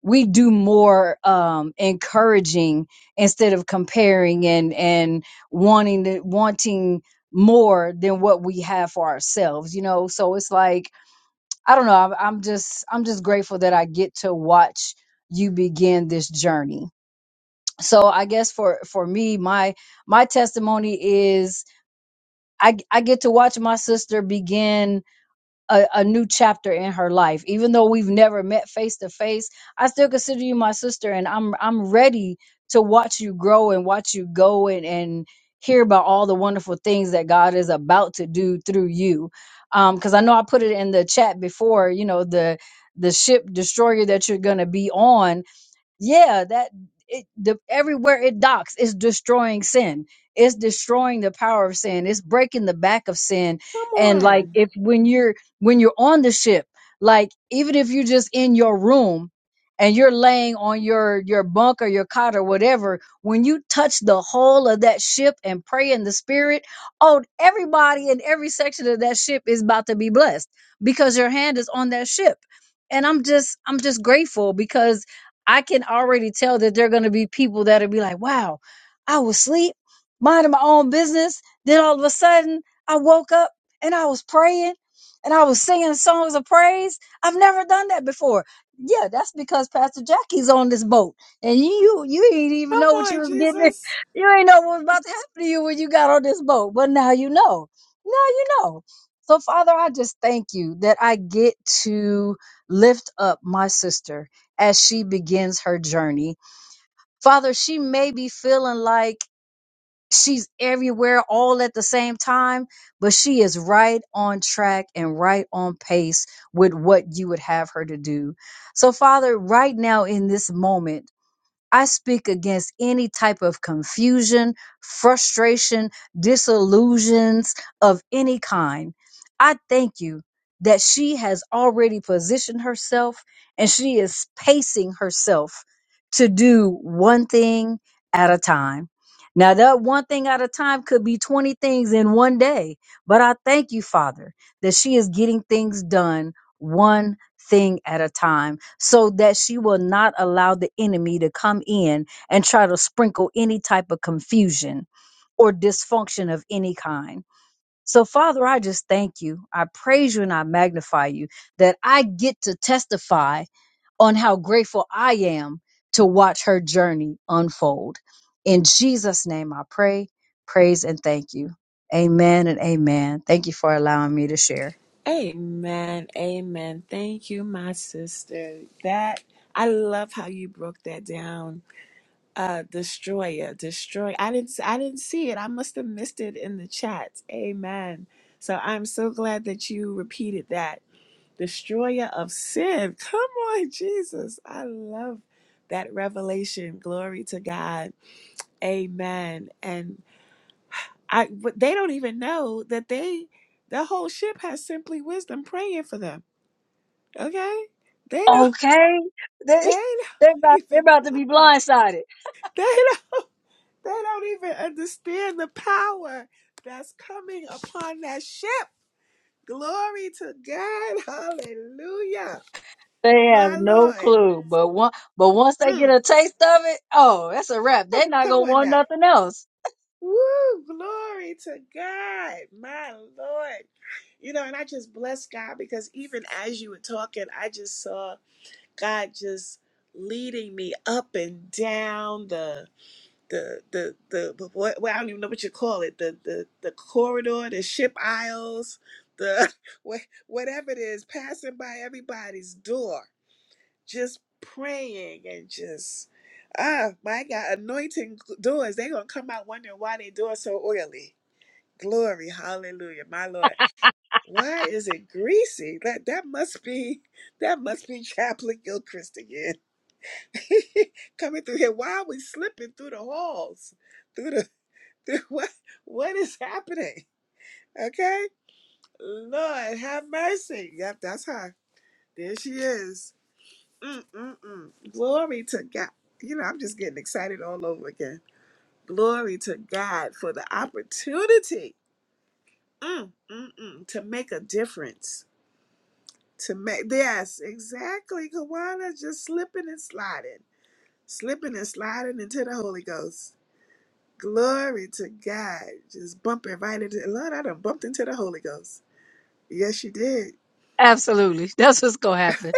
[SPEAKER 2] we do more um encouraging instead of comparing and and wanting to wanting more than what we have for ourselves you know so it's like i don't know i'm, I'm just i'm just grateful that i get to watch you begin this journey so i guess for for me my my testimony is i i get to watch my sister begin a, a new chapter in her life. Even though we've never met face to face, I still consider you my sister, and I'm I'm ready to watch you grow and watch you go and and hear about all the wonderful things that God is about to do through you. Because I know I put it in the chat before, you know the the ship destroyer that you're going to be on yeah that it the everywhere it docks it's destroying sin it's destroying the power of sin it's breaking the back of sin
[SPEAKER 1] Come
[SPEAKER 2] and like
[SPEAKER 1] on.
[SPEAKER 2] if when you're when you're on the ship like even if you're just in your room and you're laying on your your bunk or your cot or whatever when you touch the hull of that ship and pray in the spirit oh everybody in every section of that ship is about to be blessed because your hand is on that ship and i'm just i'm just grateful because I can already tell that there are going to be people that'll be like, wow, I was asleep, minding my own business. Then all of a sudden, I woke up and I was praying and I was singing songs of praise. I've never done that before. Yeah, that's because Pastor Jackie's on this boat, and you you ain't
[SPEAKER 1] Come
[SPEAKER 2] even know what you
[SPEAKER 1] on,
[SPEAKER 2] was getting. in-
[SPEAKER 1] Jesus.
[SPEAKER 2] You ain't know what was about to happen to you when you got on this boat, but now you know. Now you know. So Father, I just thank you that I get to lift up my sister as she begins her journey. Father, she may be feeling like she's everywhere all at the same time, but she is right on track and right on pace with what you would have her to do. So, Father, right now in this moment, I speak against any type of confusion, frustration, disillusions of any kind. I thank you that she has already positioned herself and she is pacing herself to do one thing at a time. Now, that one thing at a time could be 20 things in one day, but I thank you, Father, that she is getting things done one thing at a time so that she will not allow the enemy to come in and try to sprinkle any type of confusion or dysfunction of any kind. So, Father, I just thank you. I praise you and I magnify you that I get to testify on how grateful I am to watch her journey unfold. In Jesus' name, I pray, praise, and thank you. Amen and amen. Thank you for allowing me to share.
[SPEAKER 1] Amen. Amen. Thank you, my sister. That I love how you broke that down. Uh destroyer, destroy. I didn't I didn't see it. I must have missed it in the chat. Amen. So I'm so glad that you repeated that. Destroyer of sin. Come on, Jesus. I love that revelation. Glory to God. Amen. And I but they don't even know that they the whole ship has simply wisdom praying for them Okay? They don't
[SPEAKER 2] okay. They
[SPEAKER 1] they
[SPEAKER 2] they're
[SPEAKER 1] don't
[SPEAKER 2] about they're
[SPEAKER 1] even
[SPEAKER 2] about to be
[SPEAKER 1] know.
[SPEAKER 2] blindsided.
[SPEAKER 1] They don't they don't even understand the power that's coming upon that ship. Glory to God. Hallelujah.
[SPEAKER 2] They have
[SPEAKER 1] My
[SPEAKER 2] no
[SPEAKER 1] Lord.
[SPEAKER 2] clue. But one but once they get
[SPEAKER 1] Mm.
[SPEAKER 2] a taste of it, oh, that's a wrap.
[SPEAKER 1] Come,
[SPEAKER 2] They're not
[SPEAKER 1] come
[SPEAKER 2] gonna
[SPEAKER 1] on
[SPEAKER 2] want
[SPEAKER 1] now.
[SPEAKER 2] nothing else.
[SPEAKER 1] Woo! Glory to God. My Lord. You know, and I just bless God because even as you were talking, I just saw God just leading me up and down the the the the what well, I don't even know what you call it the the the corridor, the ship aisles, the wha- whatever it is, passing by everybody's door, just praying and just ah my God, anointing g- doors. They're gonna come out wondering why they door so oily. Glory, hallelujah, my Lord. Why is it greasy? That that must be that must be Chaplain Gilchrist again. Coming through here. Why are we slipping through the halls? through the what what is happening? Okay, Lord have mercy. Yep, that's her. There she is. Mm-mm-mm. Glory to God. You know, I'm just getting excited all over again. Glory to God for the opportunity Mm-mm-mm. to make a difference. To make yes, exactly. Kawana just slipping and sliding, slipping and sliding into the Holy Ghost. Glory to God. Just bumping right into Lord, I done bumped into the Holy Ghost. Yes, you did.
[SPEAKER 2] Absolutely. That's what's gonna happen.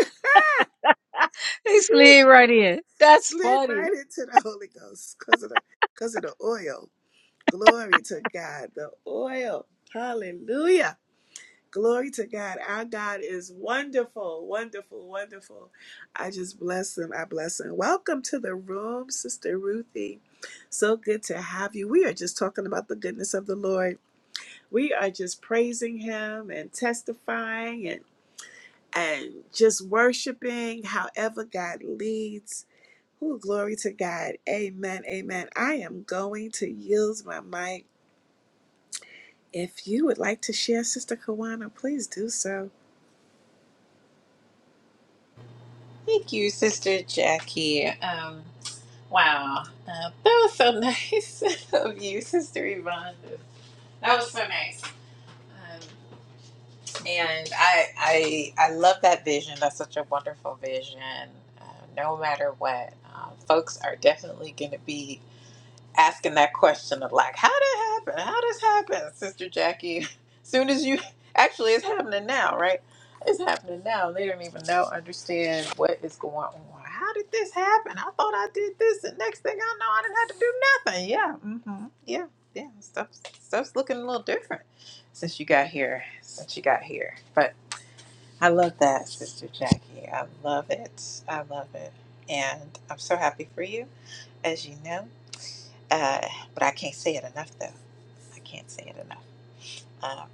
[SPEAKER 2] They
[SPEAKER 1] Woo.
[SPEAKER 2] slid right in. That's
[SPEAKER 1] Slid
[SPEAKER 2] funny.
[SPEAKER 1] right into the Holy Ghost because of the because of the oil. Glory to God. The oil. Hallelujah. Glory to God. Our God is wonderful, wonderful, wonderful. I just bless him. I bless him. Welcome to the room, Sister Ruthie. So good to have you. We are just talking about the goodness of the Lord. We are just praising him and testifying and and just worshiping however God leads Ooh, glory to God. Amen. Amen. I am going to use my mic. If you would like to share, Sister Kawana, please do so.
[SPEAKER 3] Thank you, Sister Jackie. Um, wow. Uh, that was so nice of you, Sister Yvonne. That was so nice. Um, and I, I, I love that vision. That's such a wonderful vision. Uh, no matter what, um, folks are definitely going to be asking that question of like, how did it happen? How this happen, Sister Jackie? Soon as you actually, it's happening now, right? It's happening now. They don't even know, understand what is going on. How did this happen? I thought I did this, and next thing I know, I didn't have to do nothing. Yeah, mm-hmm. yeah, yeah. Stuff, stuff's looking a little different since you got here. Since you got here, but I love that, Sister Jackie. I love it. I love it, and I'm so happy for you as you know. Uh, but I can't say it enough, though. I can't say it enough. Um,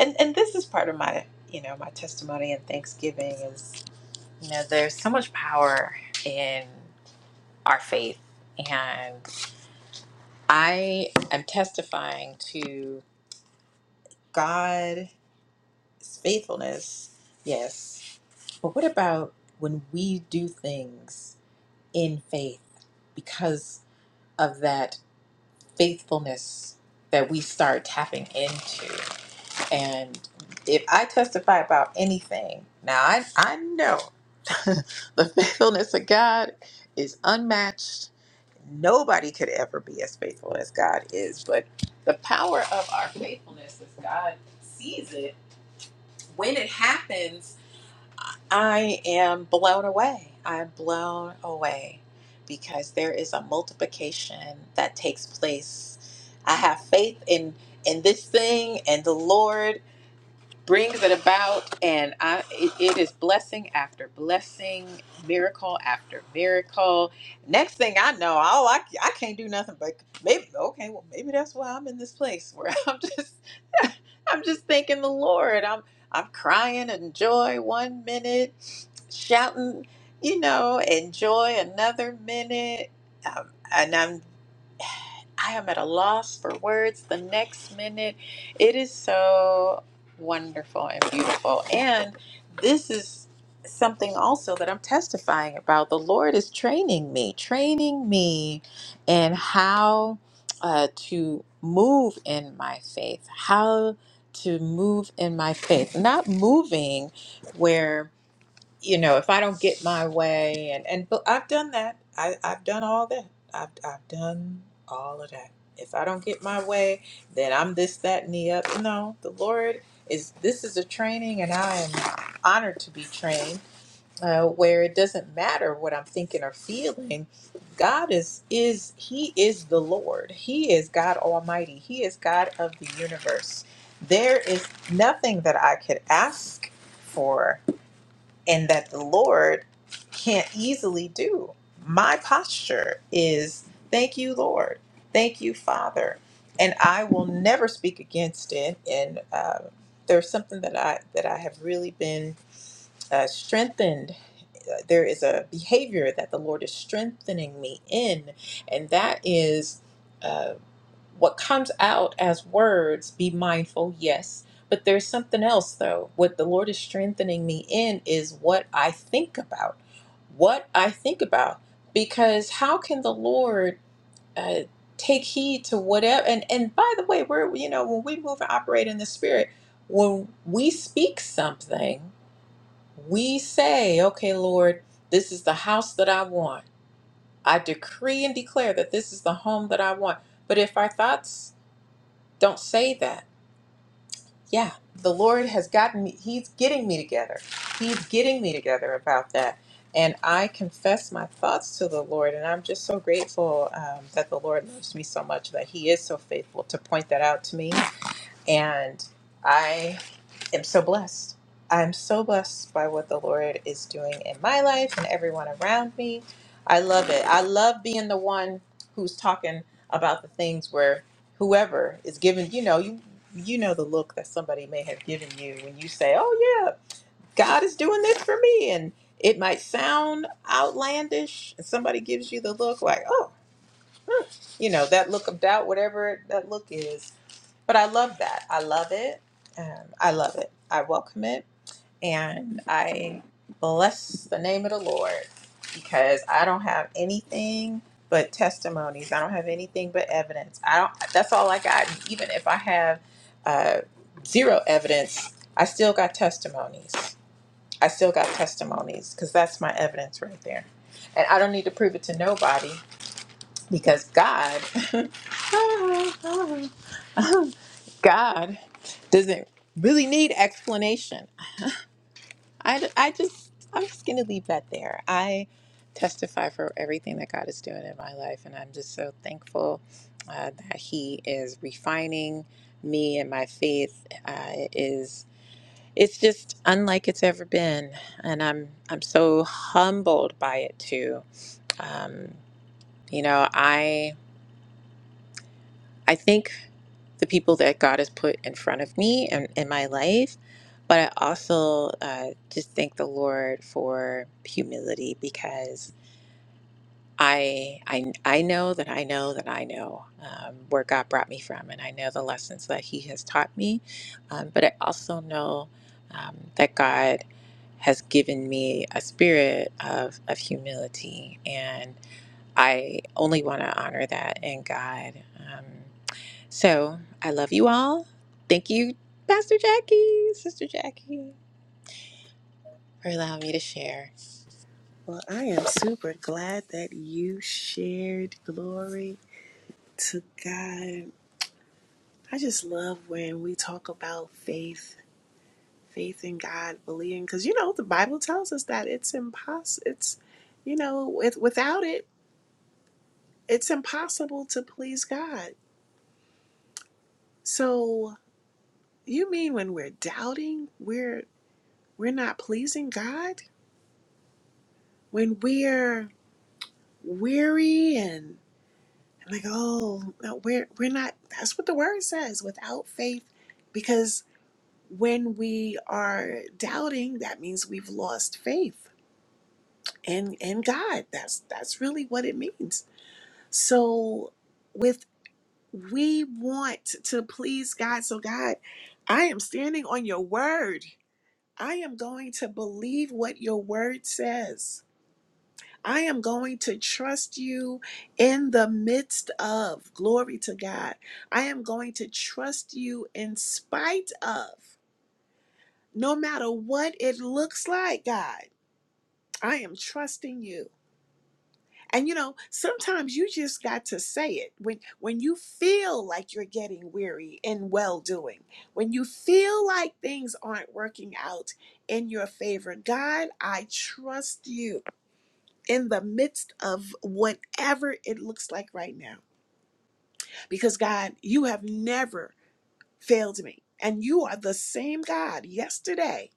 [SPEAKER 3] and and this is part of my you know my testimony and Thanksgiving is you know there's so much power in our faith, and I am testifying to God's faithfulness. Yes, but what about when we do things in faith because of that faithfulness that we start tapping into? And if I testify about anything, now I, I know the faithfulness of God is unmatched. Nobody could ever be as faithful as God is, but the power of our faithfulness as God sees it, when it happens, I am blown away. I'm blown away because there is a multiplication that takes place. I have faith in in this thing and the Lord brings it about and I it, it is blessing after blessing miracle after miracle next thing I know all I, I can't do nothing but maybe okay well maybe that's why I'm in this place where I'm just I'm just thanking the Lord I'm I'm crying in joy one minute shouting you know in joy another minute um, and I'm I am at a loss for words the next minute. It is so wonderful and beautiful. And this is something also that I'm testifying about. The Lord is training me, training me in how uh, to move in my faith, how to move in my faith, not moving where you know, if I don't get my way, and and but I've done that. I I've done all that. I've I've done all of that. If I don't get my way, then I'm this, that, and the other. No, the Lord is. This is a training, and I am honored to be trained. Uh, where it doesn't matter what I'm thinking or feeling, God is is He is the Lord. He is God Almighty. He is God of the universe. There is nothing that I could ask for and that the Lord can't easily do. My posture is thank you, Lord. Thank you, Father. And I will never speak against it. And um, there's something that I that I have really been uh, strengthened. Uh, There is a behavior that the Lord is strengthening me in, and that is. uh, what comes out as words be mindful yes but there's something else though what the lord is strengthening me in is what i think about what i think about because how can the lord uh, take heed to whatever and and by the way we're you know when we move and operate in the spirit when we speak something we say okay lord this is the house that i want i decree and declare that this is the home that i want but if our thoughts don't say that. Yeah, the Lord has gotten me, He's getting me together. He's getting me together about that. And I confess my thoughts to the Lord, and I'm just so grateful um, that the Lord loves me so much that He is so faithful to point that out to me and I am so blessed. I'm so blessed by what the Lord is doing in my life and everyone around me. I love it. I love being the one who's talking about the things where whoever is giving, you know, you you know the look that somebody may have given you when you say, "Oh yeah, God is doing this for me." And it might sound outlandish, and somebody gives you the look like, "Oh, hmm," you know, that look of doubt, whatever that look is but I love that. I love it. Um, I love it. I welcome it. And I bless the name of the Lord because I don't have anything but testimonies. I don't have anything but evidence. I don't, that's all I got. Even if I have uh, zero evidence, I still got testimonies. I still got testimonies because that's my evidence right there. And I don't need to prove it to nobody because God God doesn't really need explanation. I, I just, I'm just going to leave that there. I testify for everything that God is doing in my life, and I'm just so thankful uh, that He is refining me and my faith uh, is. It's just unlike it's ever been, and I'm I'm so humbled by it too. Um, you know, I I think the people that God has put in front of me and in my life, but I also uh, just thank the Lord for humility because I I I know that I know that I know um, where God brought me from, and I know the lessons that He has taught me, um, but I also know um, that God has given me a spirit of, of humility and I only want to honor that in God. Um, so I love you all. Thank you, Pastor Jackie, Sister Jackie, for allowing me to share.
[SPEAKER 1] Well, I am super glad that you shared. Glory to God. I just love when we talk about faith, faith in God, believing, because you know the Bible tells us that it's impossible. It's, you know, with, without it, it's impossible to please God. So you mean when we're doubting, we're we're not pleasing God when we're weary and like, oh, no, we're we're not. That's what the word says. Without faith, because when we are doubting, that means we've lost faith in in God. That's that's really what it means. So, with we want to please God. So God, I am standing on your word. I am going to believe what your word says. I am going to trust you in the midst of. Glory to God. I am going to trust you in spite of, no matter what it looks like, God. I am trusting you. And you know, sometimes you just got to say it. When when you feel like you're getting weary in well doing, when you feel like things aren't working out in your favor, God, I trust you. in the midst of whatever it looks like right now. Because God, you have never failed me. And you are the same God yesterday,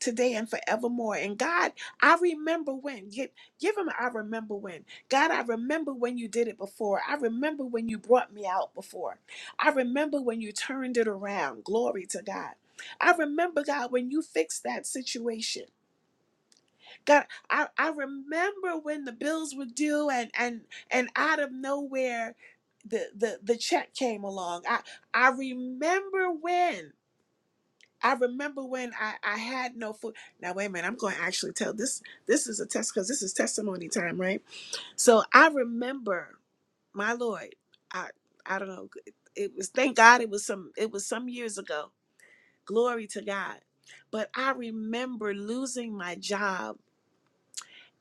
[SPEAKER 1] today, and forevermore. And God, I remember when. Give, give him, I remember when. God, I remember when you did it before. I remember when you brought me out before. I remember when you turned it around. Glory to God. I remember, God, when you fixed that situation. God, I, I remember when the bills were due and and and out of nowhere the the, the check came along. I I remember when I remember when I, I had no food. Now wait a minute, I'm going to actually tell this this is a test because this is testimony time, right? So I remember my Lord. I I don't know. It, was thank God it was some it was some years ago. Glory to God. But I remember losing my job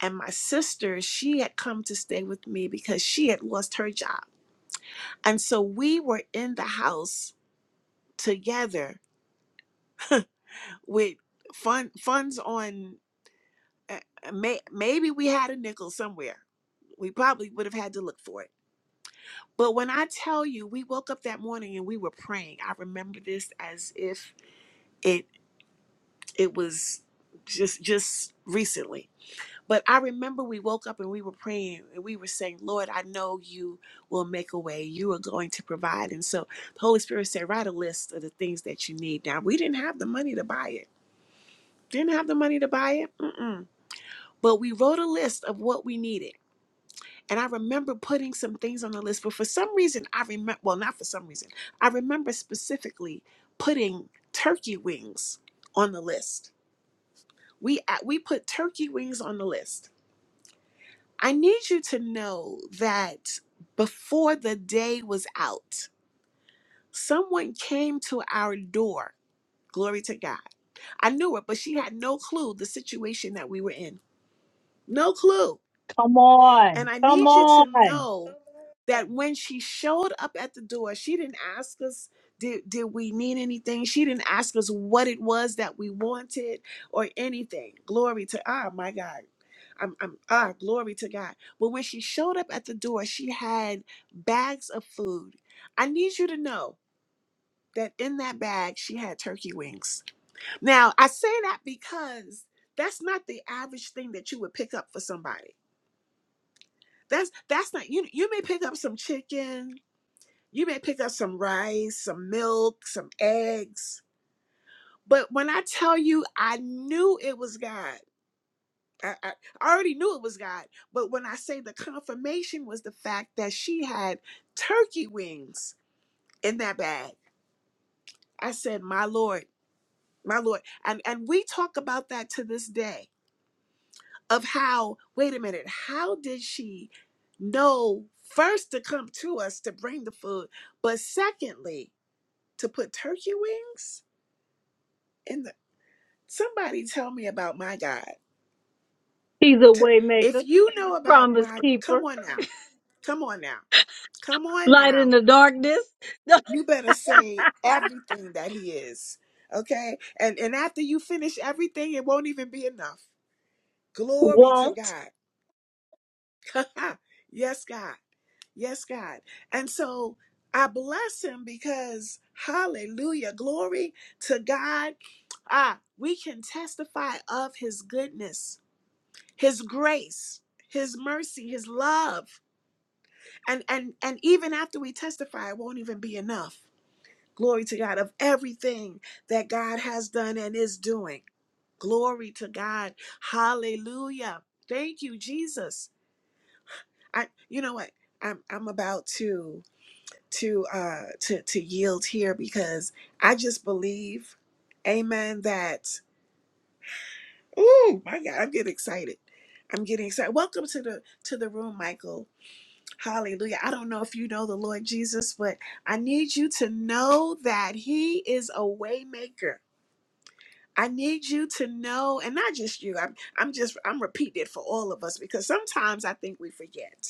[SPEAKER 1] and my sister, she had come to stay with me because she had lost her job. And so we were in the house together with fun, funds on, uh, uh, may, maybe we had a nickel somewhere. We probably would have had to look for it. But when I tell you, we woke up that morning and we were praying. I remember this as if it it was just just recently But I remember we woke up and we were praying and we were saying, Lord, I know you will make a way. You are going to provide. And so the Holy Spirit said, write a list of the things that you need. Now, we didn't have the money to buy it. Didn't have the money to buy it. Mm-mm. But we wrote a list of what we needed. And I remember putting some things on the list. But for some reason, I remember, well, not for some reason, I remember specifically putting turkey wings on the list. We, uh, we put turkey wings on the list I need you to know that before the day was out, someone came to our door. Glory to God. I knew her, but she had no clue the situation that we were in. No clue
[SPEAKER 2] Come
[SPEAKER 1] and
[SPEAKER 2] on.
[SPEAKER 1] I
[SPEAKER 2] Come
[SPEAKER 1] need you to
[SPEAKER 2] on.
[SPEAKER 1] know that when she showed up at the door, she didn't ask us, did, did we need anything? She didn't ask us what it was that we wanted or anything. Glory to, ah, my God. I'm, I'm, ah, glory to God. But when she showed up at the door, she had bags of food. I need you to know that in that bag, she had turkey wings. Now, I say that because that's not the average thing that you would pick up for somebody that's that's not you. You may pick up some chicken. You may pick up some rice, some milk, some eggs. But when I tell you, I knew it was God. I, I I already knew it was God. But when I say the confirmation was the fact that she had turkey wings in that bag. I said, "My Lord, my Lord," and and we talk about that to this day of how, wait a minute, how did she know first to come to us to bring the food, but secondly, to put turkey wings in the somebody tell me about my God.
[SPEAKER 2] He's a
[SPEAKER 1] T-
[SPEAKER 2] waymaker,
[SPEAKER 1] If you know about
[SPEAKER 2] promise
[SPEAKER 1] my come
[SPEAKER 2] keeper,
[SPEAKER 1] on now. Come on now. Come on
[SPEAKER 2] light in
[SPEAKER 1] now.
[SPEAKER 2] the darkness.
[SPEAKER 1] You better say everything that he is. Okay? And and after you finish everything, it won't even be enough. Glory to
[SPEAKER 2] Won't.
[SPEAKER 1] God. yes, God. Yes, God. And so I bless him because hallelujah, glory to God. Ah, we can testify of his goodness, his grace, his mercy, his love. And and and even after we testify, it won't even be enough. Glory to God of everything that God has done and is doing. Glory to God. Hallelujah. Thank you, Jesus. I you know what? I'm I'm about to to uh to to yield here because I just believe, Amen. That oh my God, I'm getting excited. I'm getting excited. Welcome to the to the room, Michael. Hallelujah. I don't know if you know the Lord Jesus, but I need you to know that He is a waymaker. I need you to know, and not just you. I'm I'm just I'm repeating it for all of us because sometimes I think we forget.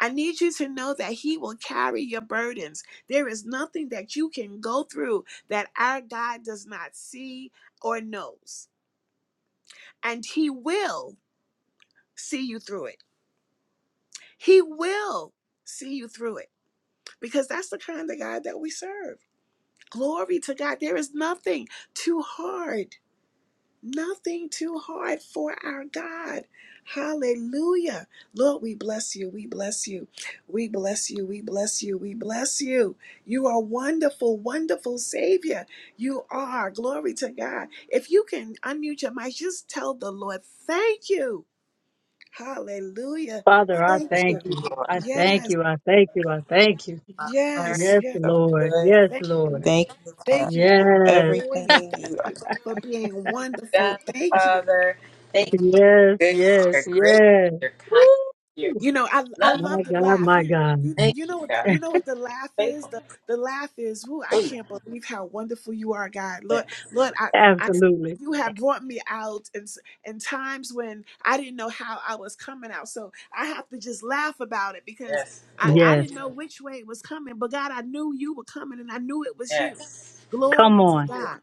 [SPEAKER 1] I need you to know that He will carry your burdens. There is nothing that you can go through that our God does not see or knows. And He will see you through it. He will see you through it because that's the kind of God that we serve. Glory to God. There is nothing too hard Nothing too hard for our God. Hallelujah. Lord, we bless you. We bless you. We bless you. We bless you. We bless you. You are wonderful, wonderful Savior. You are. Glory to God. If you can unmute your mic, just tell the Lord, thank you. Hallelujah.
[SPEAKER 2] Father, I
[SPEAKER 1] Thank you.
[SPEAKER 2] thank you.
[SPEAKER 3] Lord.
[SPEAKER 2] I thank
[SPEAKER 1] Yes.
[SPEAKER 2] you. I thank you. I thank you.
[SPEAKER 3] I'm learning
[SPEAKER 1] Yes.
[SPEAKER 2] Yes,
[SPEAKER 1] Yes.
[SPEAKER 3] you're so
[SPEAKER 2] Lord.
[SPEAKER 3] good.
[SPEAKER 2] Yes,
[SPEAKER 1] Thank you.
[SPEAKER 2] Lord.
[SPEAKER 3] Thank you for
[SPEAKER 1] Thank you God,
[SPEAKER 2] Yes,
[SPEAKER 1] for doing it.
[SPEAKER 3] everything
[SPEAKER 1] Thank
[SPEAKER 3] you are
[SPEAKER 1] you for being wonderful.
[SPEAKER 3] done,
[SPEAKER 1] Thank you.
[SPEAKER 3] Father. Thank you,
[SPEAKER 2] yes,
[SPEAKER 3] good, your
[SPEAKER 2] yes,
[SPEAKER 3] grace,
[SPEAKER 2] yes.
[SPEAKER 3] your kindness, your
[SPEAKER 2] Woo!
[SPEAKER 1] You know, I I
[SPEAKER 3] love.
[SPEAKER 2] My
[SPEAKER 1] love the
[SPEAKER 2] God,
[SPEAKER 1] laugh.
[SPEAKER 2] my
[SPEAKER 1] You
[SPEAKER 2] God.
[SPEAKER 1] you
[SPEAKER 3] Thank
[SPEAKER 1] you
[SPEAKER 3] you,
[SPEAKER 1] know what the,
[SPEAKER 3] God.
[SPEAKER 1] you know what the laugh is.
[SPEAKER 3] Faithful.
[SPEAKER 1] The the laugh is. Whoo! I
[SPEAKER 3] Oh,
[SPEAKER 1] can't believe how wonderful you are, God.
[SPEAKER 3] yeah.
[SPEAKER 1] Lord, Lord, I I
[SPEAKER 2] Absolutely.
[SPEAKER 1] you
[SPEAKER 3] yes,
[SPEAKER 1] have brought me out in s- in times when I didn't know how I was coming out. So I have to just laugh about it because
[SPEAKER 3] yes,
[SPEAKER 1] I I
[SPEAKER 2] Yes.
[SPEAKER 1] didn't know which way it was coming. But God, I knew you were coming, and I knew it was you.
[SPEAKER 3] yes.
[SPEAKER 2] Come
[SPEAKER 1] Glory to
[SPEAKER 2] on.
[SPEAKER 1] God.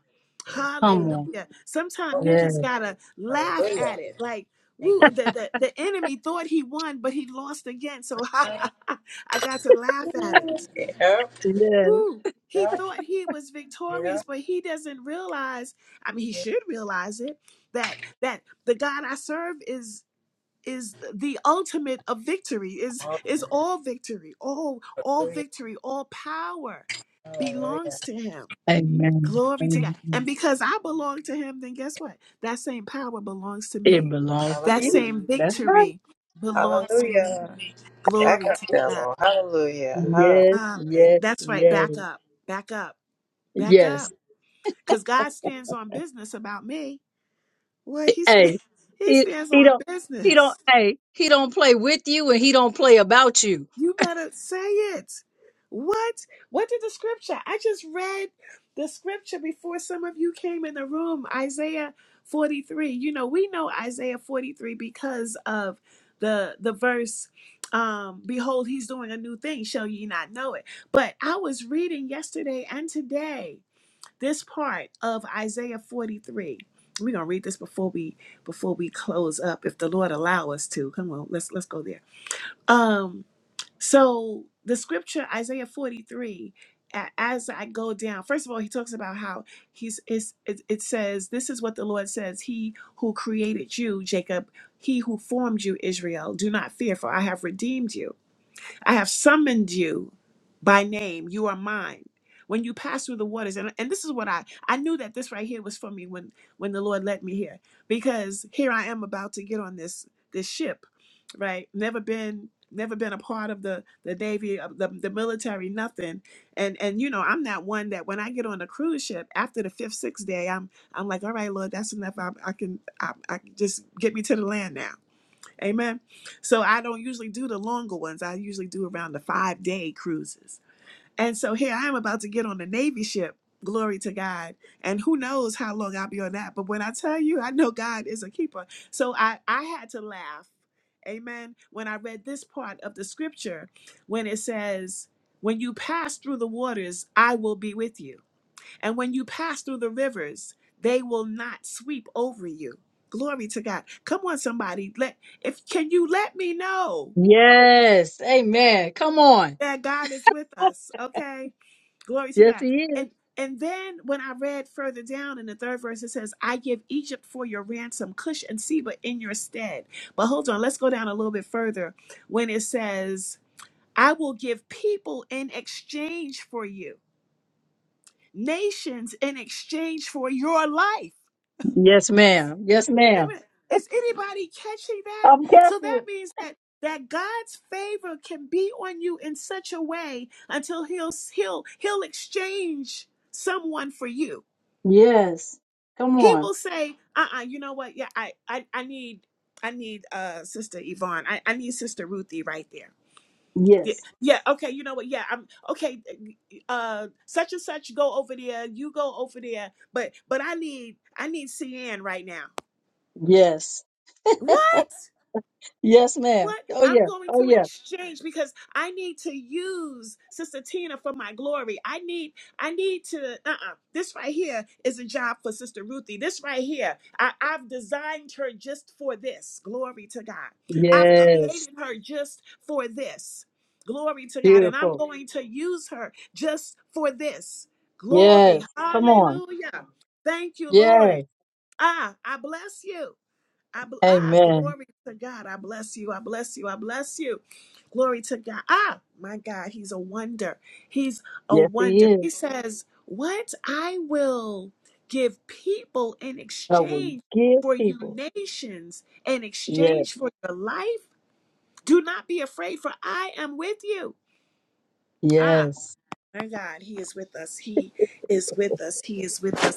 [SPEAKER 2] Come
[SPEAKER 3] Ooh,
[SPEAKER 2] on.
[SPEAKER 1] Hallelujah.
[SPEAKER 3] oh,
[SPEAKER 1] Sometimes you
[SPEAKER 3] wonderful.
[SPEAKER 2] Yes,
[SPEAKER 1] just gotta laugh
[SPEAKER 3] Hallelujah.
[SPEAKER 1] at it. Like.
[SPEAKER 3] Thank
[SPEAKER 1] Woo, the, the, the enemy thought he won, but he lost again. So
[SPEAKER 3] you.
[SPEAKER 1] I got to laugh at it.
[SPEAKER 3] Yep,
[SPEAKER 2] yes.
[SPEAKER 1] Woo. He
[SPEAKER 3] yep,
[SPEAKER 1] thought he was
[SPEAKER 3] yep.
[SPEAKER 1] victorious, but he doesn't realize, I mean, he should realize it, that that the God I serve is is the ultimate of victory, is is all victory, all all
[SPEAKER 3] Hallelujah.
[SPEAKER 1] victory, all power belongs to him.
[SPEAKER 2] Amen.
[SPEAKER 1] Glory to God. And
[SPEAKER 2] Amen.
[SPEAKER 1] because I belong to him, then guess what? That same power belongs to
[SPEAKER 2] It
[SPEAKER 1] me.
[SPEAKER 2] belongs
[SPEAKER 3] Hallelujah.
[SPEAKER 2] to
[SPEAKER 1] That
[SPEAKER 2] you.
[SPEAKER 1] same
[SPEAKER 2] That's right.
[SPEAKER 1] victory belongs to me.
[SPEAKER 3] Hallelujah. Back
[SPEAKER 1] Glory
[SPEAKER 3] up,
[SPEAKER 1] to God.
[SPEAKER 3] devil. Hallelujah.
[SPEAKER 2] Yes,
[SPEAKER 1] Hallelujah.
[SPEAKER 2] yes,
[SPEAKER 1] That's right.
[SPEAKER 2] yes,
[SPEAKER 1] Back up. Back up. Back up.
[SPEAKER 2] yes.
[SPEAKER 1] Because God stands on business about me. Well, he, sta-
[SPEAKER 2] Hey,
[SPEAKER 1] he
[SPEAKER 2] he,
[SPEAKER 1] stands
[SPEAKER 2] he
[SPEAKER 1] on
[SPEAKER 2] don't, he don't,
[SPEAKER 1] business.
[SPEAKER 2] hey, he don't play with you and he don't play about you.
[SPEAKER 1] You better say it. What? What did the scripture? I just read the scripture before some of you came in the room, Isaiah 43. You know, we know Isaiah 43 because of the the verse um behold he's doing a new thing shall ye not know it but i was reading yesterday and today this part of isaiah 43 we're gonna read this before we before we close up if the lord allow us to come on let's let's go there um so the scripture Isaiah 43 a- as I go down, first of all, he talks about how he's it's, it, it says, This is what the Lord says, He who created you, Jacob, he who formed you, Israel, do not fear, for I have redeemed you. I have summoned you by name. You are mine. When you pass through the waters, and, and this is what I I knew that this right here was for me when when the Lord led me here, because here I am about to get on this this ship, right? Never been never been a part of the the navy, of the the military, nothing. And and you know I'm not one that when I get on a cruise ship after the fifth sixth day, I'm I'm like, all right, Lord, that's enough. I, I can I, I can just get me to the land now Amen. So I don't usually do the longer ones. I usually do around the five day cruises. And so here I am about to get on the Navy ship. Glory to God. And who knows how long I'll be on that. But when I tell you, I know God is a keeper. So I, I had to laugh. Amen. When I read this part of the scripture, when it says, When you pass through the waters, I will be with you. And when you pass through the rivers, they will not sweep over you. Glory to God. Come on, somebody. Let if can you let me know
[SPEAKER 2] Yes. Amen. Come on.
[SPEAKER 1] that God is with us? Okay. Glory to
[SPEAKER 2] Yes,
[SPEAKER 1] God.
[SPEAKER 2] he is.
[SPEAKER 1] And and then when I read further down in the third verse, it says, I give Egypt for your ransom, Cush and Seba in your stead. But hold on, let's go down a little bit further when it says, I will give people in exchange for you, nations in exchange for your life.
[SPEAKER 2] Yes,
[SPEAKER 1] What?
[SPEAKER 2] ma'am. Yes,
[SPEAKER 1] Wait a
[SPEAKER 2] ma'am.
[SPEAKER 1] minute. Is anybody catching that?
[SPEAKER 2] I'm
[SPEAKER 1] So that
[SPEAKER 2] catching.
[SPEAKER 1] means that that God's favor can be on you in such a way until he'll he'll he'll exchange someone for you.
[SPEAKER 2] Yes. Come
[SPEAKER 1] He
[SPEAKER 2] on.
[SPEAKER 1] will say, "Uh-uh, you know what? Yeah, I I, I need I need uh sister Yvonne. I, I need sister Ruthie right there." Yeah,
[SPEAKER 2] Yes.
[SPEAKER 1] yeah, okay, you know what? Yeah, I'm okay. Uh such and such go over there, you go over there, but but I need I need CN right now.
[SPEAKER 2] Yes.
[SPEAKER 1] What?
[SPEAKER 2] Yes, ma'am.
[SPEAKER 1] What?
[SPEAKER 2] Oh
[SPEAKER 1] I'm
[SPEAKER 2] yeah.
[SPEAKER 1] going
[SPEAKER 2] Oh
[SPEAKER 1] to
[SPEAKER 2] yeah.
[SPEAKER 1] exchange because I need to use Sister Tina for my glory. I need, I need to, uh-uh. This right here is a job for Sister Ruthie. This right here, I, I've designed her just for this. Glory to God. I've
[SPEAKER 2] Yes.
[SPEAKER 1] created her just for this. Glory to God. And I'm
[SPEAKER 2] Beautiful.
[SPEAKER 1] going to use her just for this. Glory.
[SPEAKER 2] Yes. Come on.
[SPEAKER 1] Hallelujah. Thank you, Lord.
[SPEAKER 2] Yes.
[SPEAKER 1] Ah, I bless you. I bl- ah,
[SPEAKER 2] Amen.
[SPEAKER 1] glory to God. I bless you. I bless you. I bless you. Glory to God. Ah, my God, he's a wonder. He's a
[SPEAKER 2] Yes, he
[SPEAKER 1] wonder.
[SPEAKER 2] is.
[SPEAKER 1] He says, "What I will give people in
[SPEAKER 2] I will
[SPEAKER 1] exchange
[SPEAKER 2] give
[SPEAKER 1] for you
[SPEAKER 2] people.
[SPEAKER 1] nations, in
[SPEAKER 2] Yes.
[SPEAKER 1] exchange for your life. Do not be afraid, for I am with you." Ah,
[SPEAKER 2] Yes.
[SPEAKER 1] my God, he is with us. He is with us. He is with us.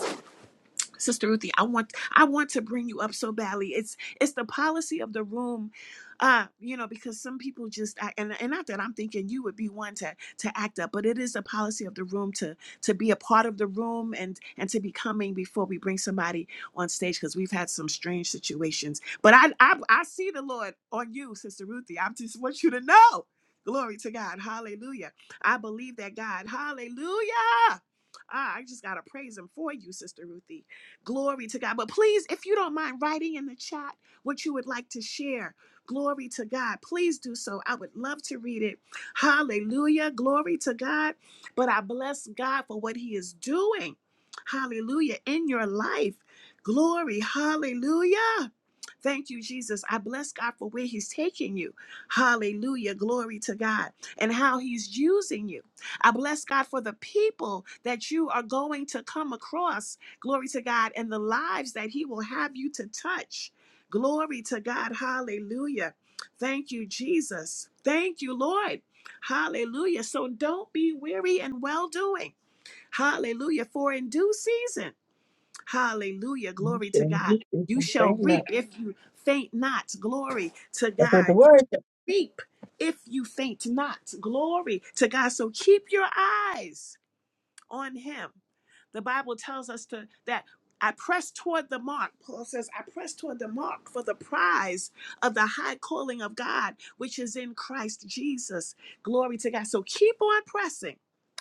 [SPEAKER 1] Sister Ruthie, I want I want to bring you up so badly. It's it's the policy of the room, uh, you know, because some people just act, and and not that I'm thinking you would be one to to act up, but it is the policy of the room to to be a part of the room and and to be coming before we bring somebody on stage because we've had some strange situations. But I, I I see the Lord on you, Sister Ruthie. I just want you to know, glory to God, Hallelujah. I believe that God, Hallelujah. Ah, I just gotta praise Him for you, Sister Ruthie. Glory to God. But please, if you don't mind writing in the chat what you would like to share, glory to God. Please do so. I would love to read it. Hallelujah. Glory to God. But I bless God for what He is doing. Hallelujah. In your life. Glory. Hallelujah. Thank you, Jesus. I bless God for where He's taking you. Hallelujah. Glory to God and how He's using you. I bless God for the people that you are going to come across. Glory to God and the lives that He will have you to touch. Glory to God. Hallelujah. Thank you, Jesus. Thank you, Lord. Hallelujah. So don't be weary and well doing. Hallelujah. For in due season. Hallelujah.
[SPEAKER 2] You
[SPEAKER 1] Glory to
[SPEAKER 2] shall
[SPEAKER 1] God.
[SPEAKER 2] give
[SPEAKER 1] You
[SPEAKER 2] people
[SPEAKER 1] shall
[SPEAKER 2] faint not.
[SPEAKER 1] reap if you faint not. Glory to
[SPEAKER 2] That's what the
[SPEAKER 1] God. You
[SPEAKER 2] word.
[SPEAKER 1] reap if you faint not. Glory to God. So keep your eyes on him. The Bible tells us to that I press toward the mark. Paul says, I press toward the mark for the prize of the high calling of God, which is in Christ Jesus. Glory to God. So keep on pressing.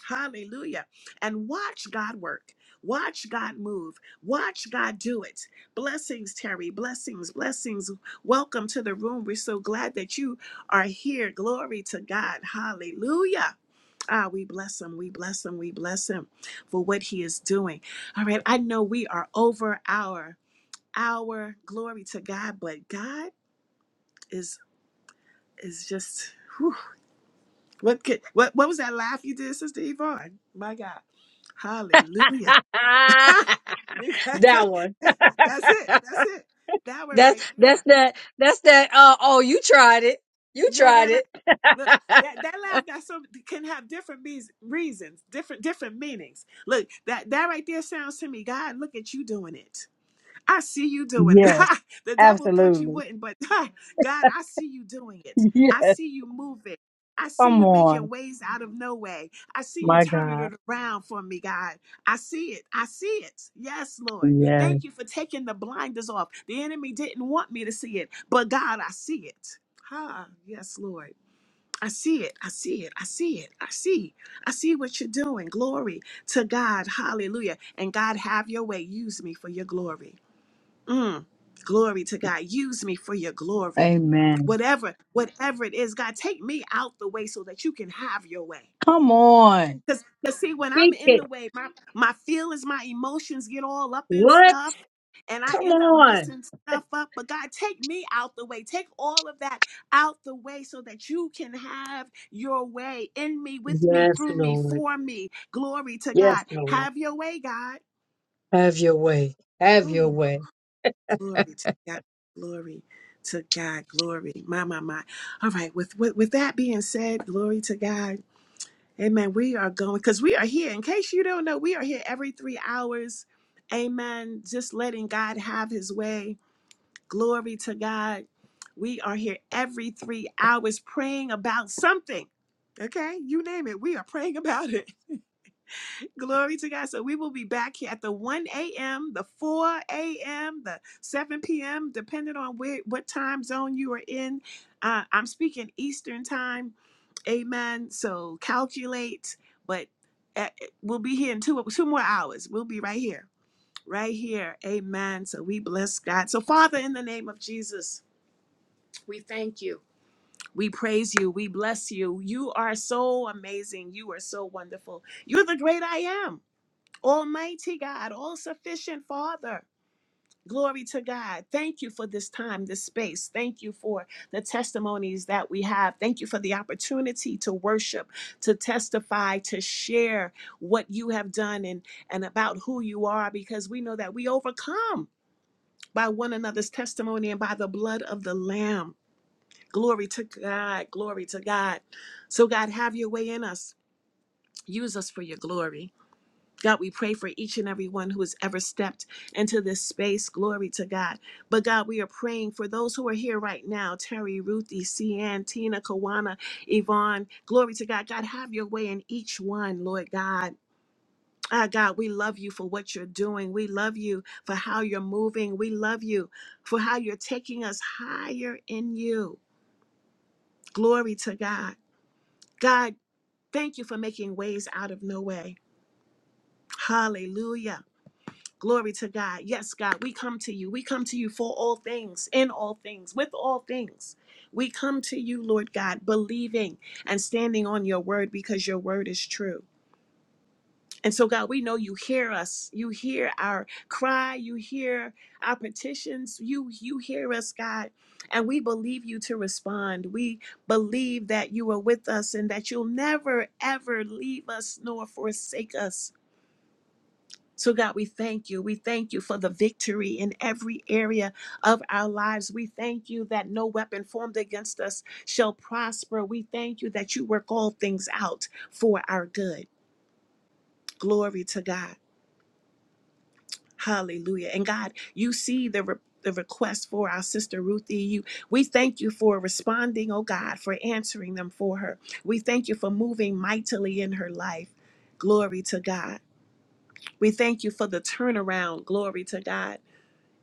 [SPEAKER 1] Hallelujah. And watch God work. Watch God move. Watch God do it. Blessings, Terry. Blessings, blessings. Welcome to the room. We're so glad that you are here. Glory to God. Hallelujah. Ah, we bless him. We bless him. We bless him for what he is doing. All right. I know we are over our our glory to God, but God is is just whew. what could what what was that laugh you did, Sister Yvonne? My God. Hallelujah.
[SPEAKER 2] that
[SPEAKER 1] You got to-
[SPEAKER 2] one.
[SPEAKER 1] that's it. That's it. That one
[SPEAKER 2] That's
[SPEAKER 1] right
[SPEAKER 2] that's
[SPEAKER 1] there.
[SPEAKER 2] that that's that uh oh you tried it. You
[SPEAKER 1] Right,
[SPEAKER 2] tried
[SPEAKER 1] right, right.
[SPEAKER 2] it.
[SPEAKER 1] Look, that that laugh got so can have different means, reasons, different different meanings. Look, that that right there sounds to me, God, look at you doing it. I see you doing
[SPEAKER 2] yes.
[SPEAKER 1] it. the devil thought you
[SPEAKER 2] Absolutely.
[SPEAKER 1] wouldn't, but God, I see you doing it. I
[SPEAKER 2] Yes.
[SPEAKER 1] see you moving. I see
[SPEAKER 2] Come
[SPEAKER 1] you making
[SPEAKER 2] on.
[SPEAKER 1] ways out of no way. I see you
[SPEAKER 2] My
[SPEAKER 1] turning
[SPEAKER 2] God.
[SPEAKER 1] it around for me, God. I see it. I see it. Yes, Lord.
[SPEAKER 2] Yes.
[SPEAKER 1] Thank you for taking the blinders off. The enemy didn't want me to see it, but God, I see it. Ah, yes, Lord. I see it. I see it. I see it. I see. I see what you're doing. Glory to God. Hallelujah. And God, have your way. Use me for your glory. Mm, glory to God. Use me for your glory.
[SPEAKER 2] Amen.
[SPEAKER 1] Whatever, whatever it is, God, take me out the way so that you can have your way.
[SPEAKER 2] Come on.
[SPEAKER 1] Because see, when I'm
[SPEAKER 2] Speak
[SPEAKER 1] in
[SPEAKER 2] it.
[SPEAKER 1] the way, my, my feelings, my emotions get all up in
[SPEAKER 2] What?
[SPEAKER 1] stuff. And I
[SPEAKER 2] Come
[SPEAKER 1] end up
[SPEAKER 2] on.
[SPEAKER 1] messing stuff up. But God, take me out the way. Take all of that out the way so that you can have your way in me, with me,
[SPEAKER 2] Yes,
[SPEAKER 1] through me,
[SPEAKER 2] Lord.
[SPEAKER 1] for me. Glory to
[SPEAKER 2] Yes,
[SPEAKER 1] God.
[SPEAKER 2] Lord.
[SPEAKER 1] Have your way, God.
[SPEAKER 2] Have your way. Have your
[SPEAKER 1] Whew.
[SPEAKER 2] way.
[SPEAKER 1] Glory to God. Glory to God. Glory. My, my, my. All right. With, with, with that being said, glory to God. Amen. We are going because we are here. In case you don't know, we are here every three hours. Amen. Just letting God have his way. Glory to God. We are here every three hours praying about something. Okay. You name it. We are praying about it. Glory to God. So we will be back here at the 1 a.m., the 4 a.m., the 7 p.m., depending on where, what time zone you are in. Uh, I'm speaking Eastern time. Amen. So calculate, but uh, we'll be here in two, two more hours. We'll be right here, right here. Amen. So we bless God. So, Father, in the name of Jesus, we thank you. We praise you. We bless you. You are so amazing. You are so wonderful. You're the great I am. Almighty God, all sufficient Father. Glory to God. Thank you for this time, this space. Thank you for the testimonies that we have. Thank you for the opportunity to worship, to testify, to share what you have done and, and about who you are, because we know that we overcome by one another's testimony and by the blood of the Lamb. Glory to God. Glory to God. So, God, have your way in us. Use us for your glory. God, we pray for each and every one who has ever stepped into this space. Glory to God. But God, we are praying for those who are here right now Terry, Ruthie, Cian, Tina, Kawana, Yvonne. Glory to God. God, have your way in each one, Lord God. Ah, God, we love you for what you're doing. We love you for how you're moving. We love you for how you're taking us higher in you. Glory to God. God, thank you for making ways out of no way. Hallelujah. Glory to God. Yes, God, we come to you. We come to you for all things, in all things, with all things. We come to you, Lord God, believing and standing on your word because your word is true. And so, God, we know you hear us. You hear our cry. You hear our petitions. You you hear us, God. And we believe you to respond. We believe that you are with us and that you'll never, ever leave us nor forsake us so, God, we thank you. We thank you for the victory in every area of our lives. We thank you that no weapon formed against us shall prosper. We thank you that you work all things out for our good. Glory to God. Hallelujah. And God, you see the re- the request for our sister Ruthie, you we thank you for responding, oh God, for answering them for her. We thank you for moving mightily in her life. Glory to God. We thank you for the turnaround. Glory to God.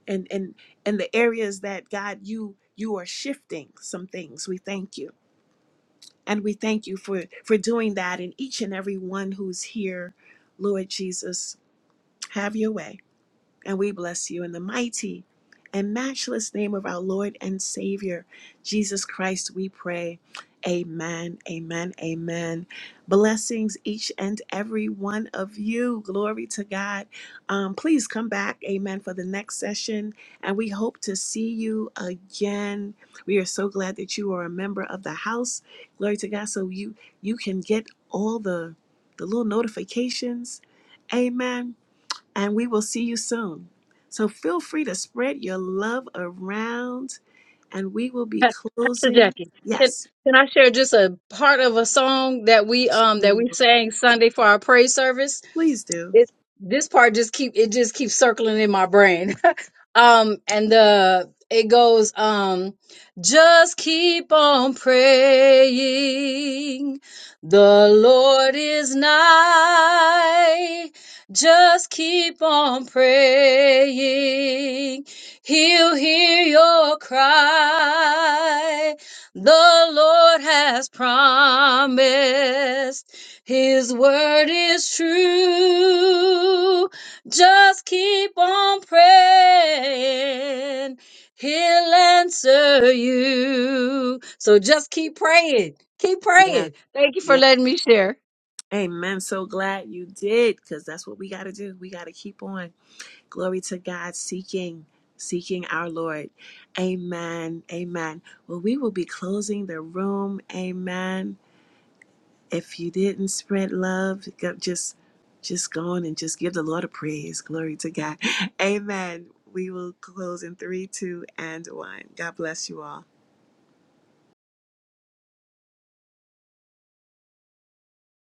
[SPEAKER 1] and and and the areas that God you you are shifting some things. We thank you. And we thank you for for doing that in each and every one who's here. Lord Jesus, have your way. And we bless you in the mighty and matchless name of our Lord and Savior, Jesus Christ, we pray. Amen, amen, amen. Blessings each and every one of you. Glory to God. Um, please come back, amen, for the next session. And we hope to see you again. We are so glad that you are a member of the house. Glory to God. So you you can get all the the little notifications. Amen and we will see you soon. So feel free to spread your love around, and we will be
[SPEAKER 2] Pa- Pastor
[SPEAKER 1] closing.
[SPEAKER 2] Jackie, can
[SPEAKER 1] Yes,
[SPEAKER 2] can I share just a part of a song that we um that we sang Sunday for our praise service?
[SPEAKER 1] please do.
[SPEAKER 2] It this part just keep it just keeps circling in my brain. um and the it goes um just keep on praying the lord is nigh just keep on praying he'll hear your cry the lord has promised his word is true just keep on praying. He'll answer you. So just keep praying. Keep
[SPEAKER 1] Yes,
[SPEAKER 2] praying. Thank you for
[SPEAKER 1] yes.
[SPEAKER 2] letting me share.
[SPEAKER 1] Amen. So glad you did, because that's what we got to do. We got to keep on. Glory to God, seeking, seeking our Lord. Amen. Amen. Well, we will be closing the room. Amen. If you didn't spread love, just just go on and just give the Lord a praise. Glory to God. Amen. We will close in three, two, and one. God bless you all.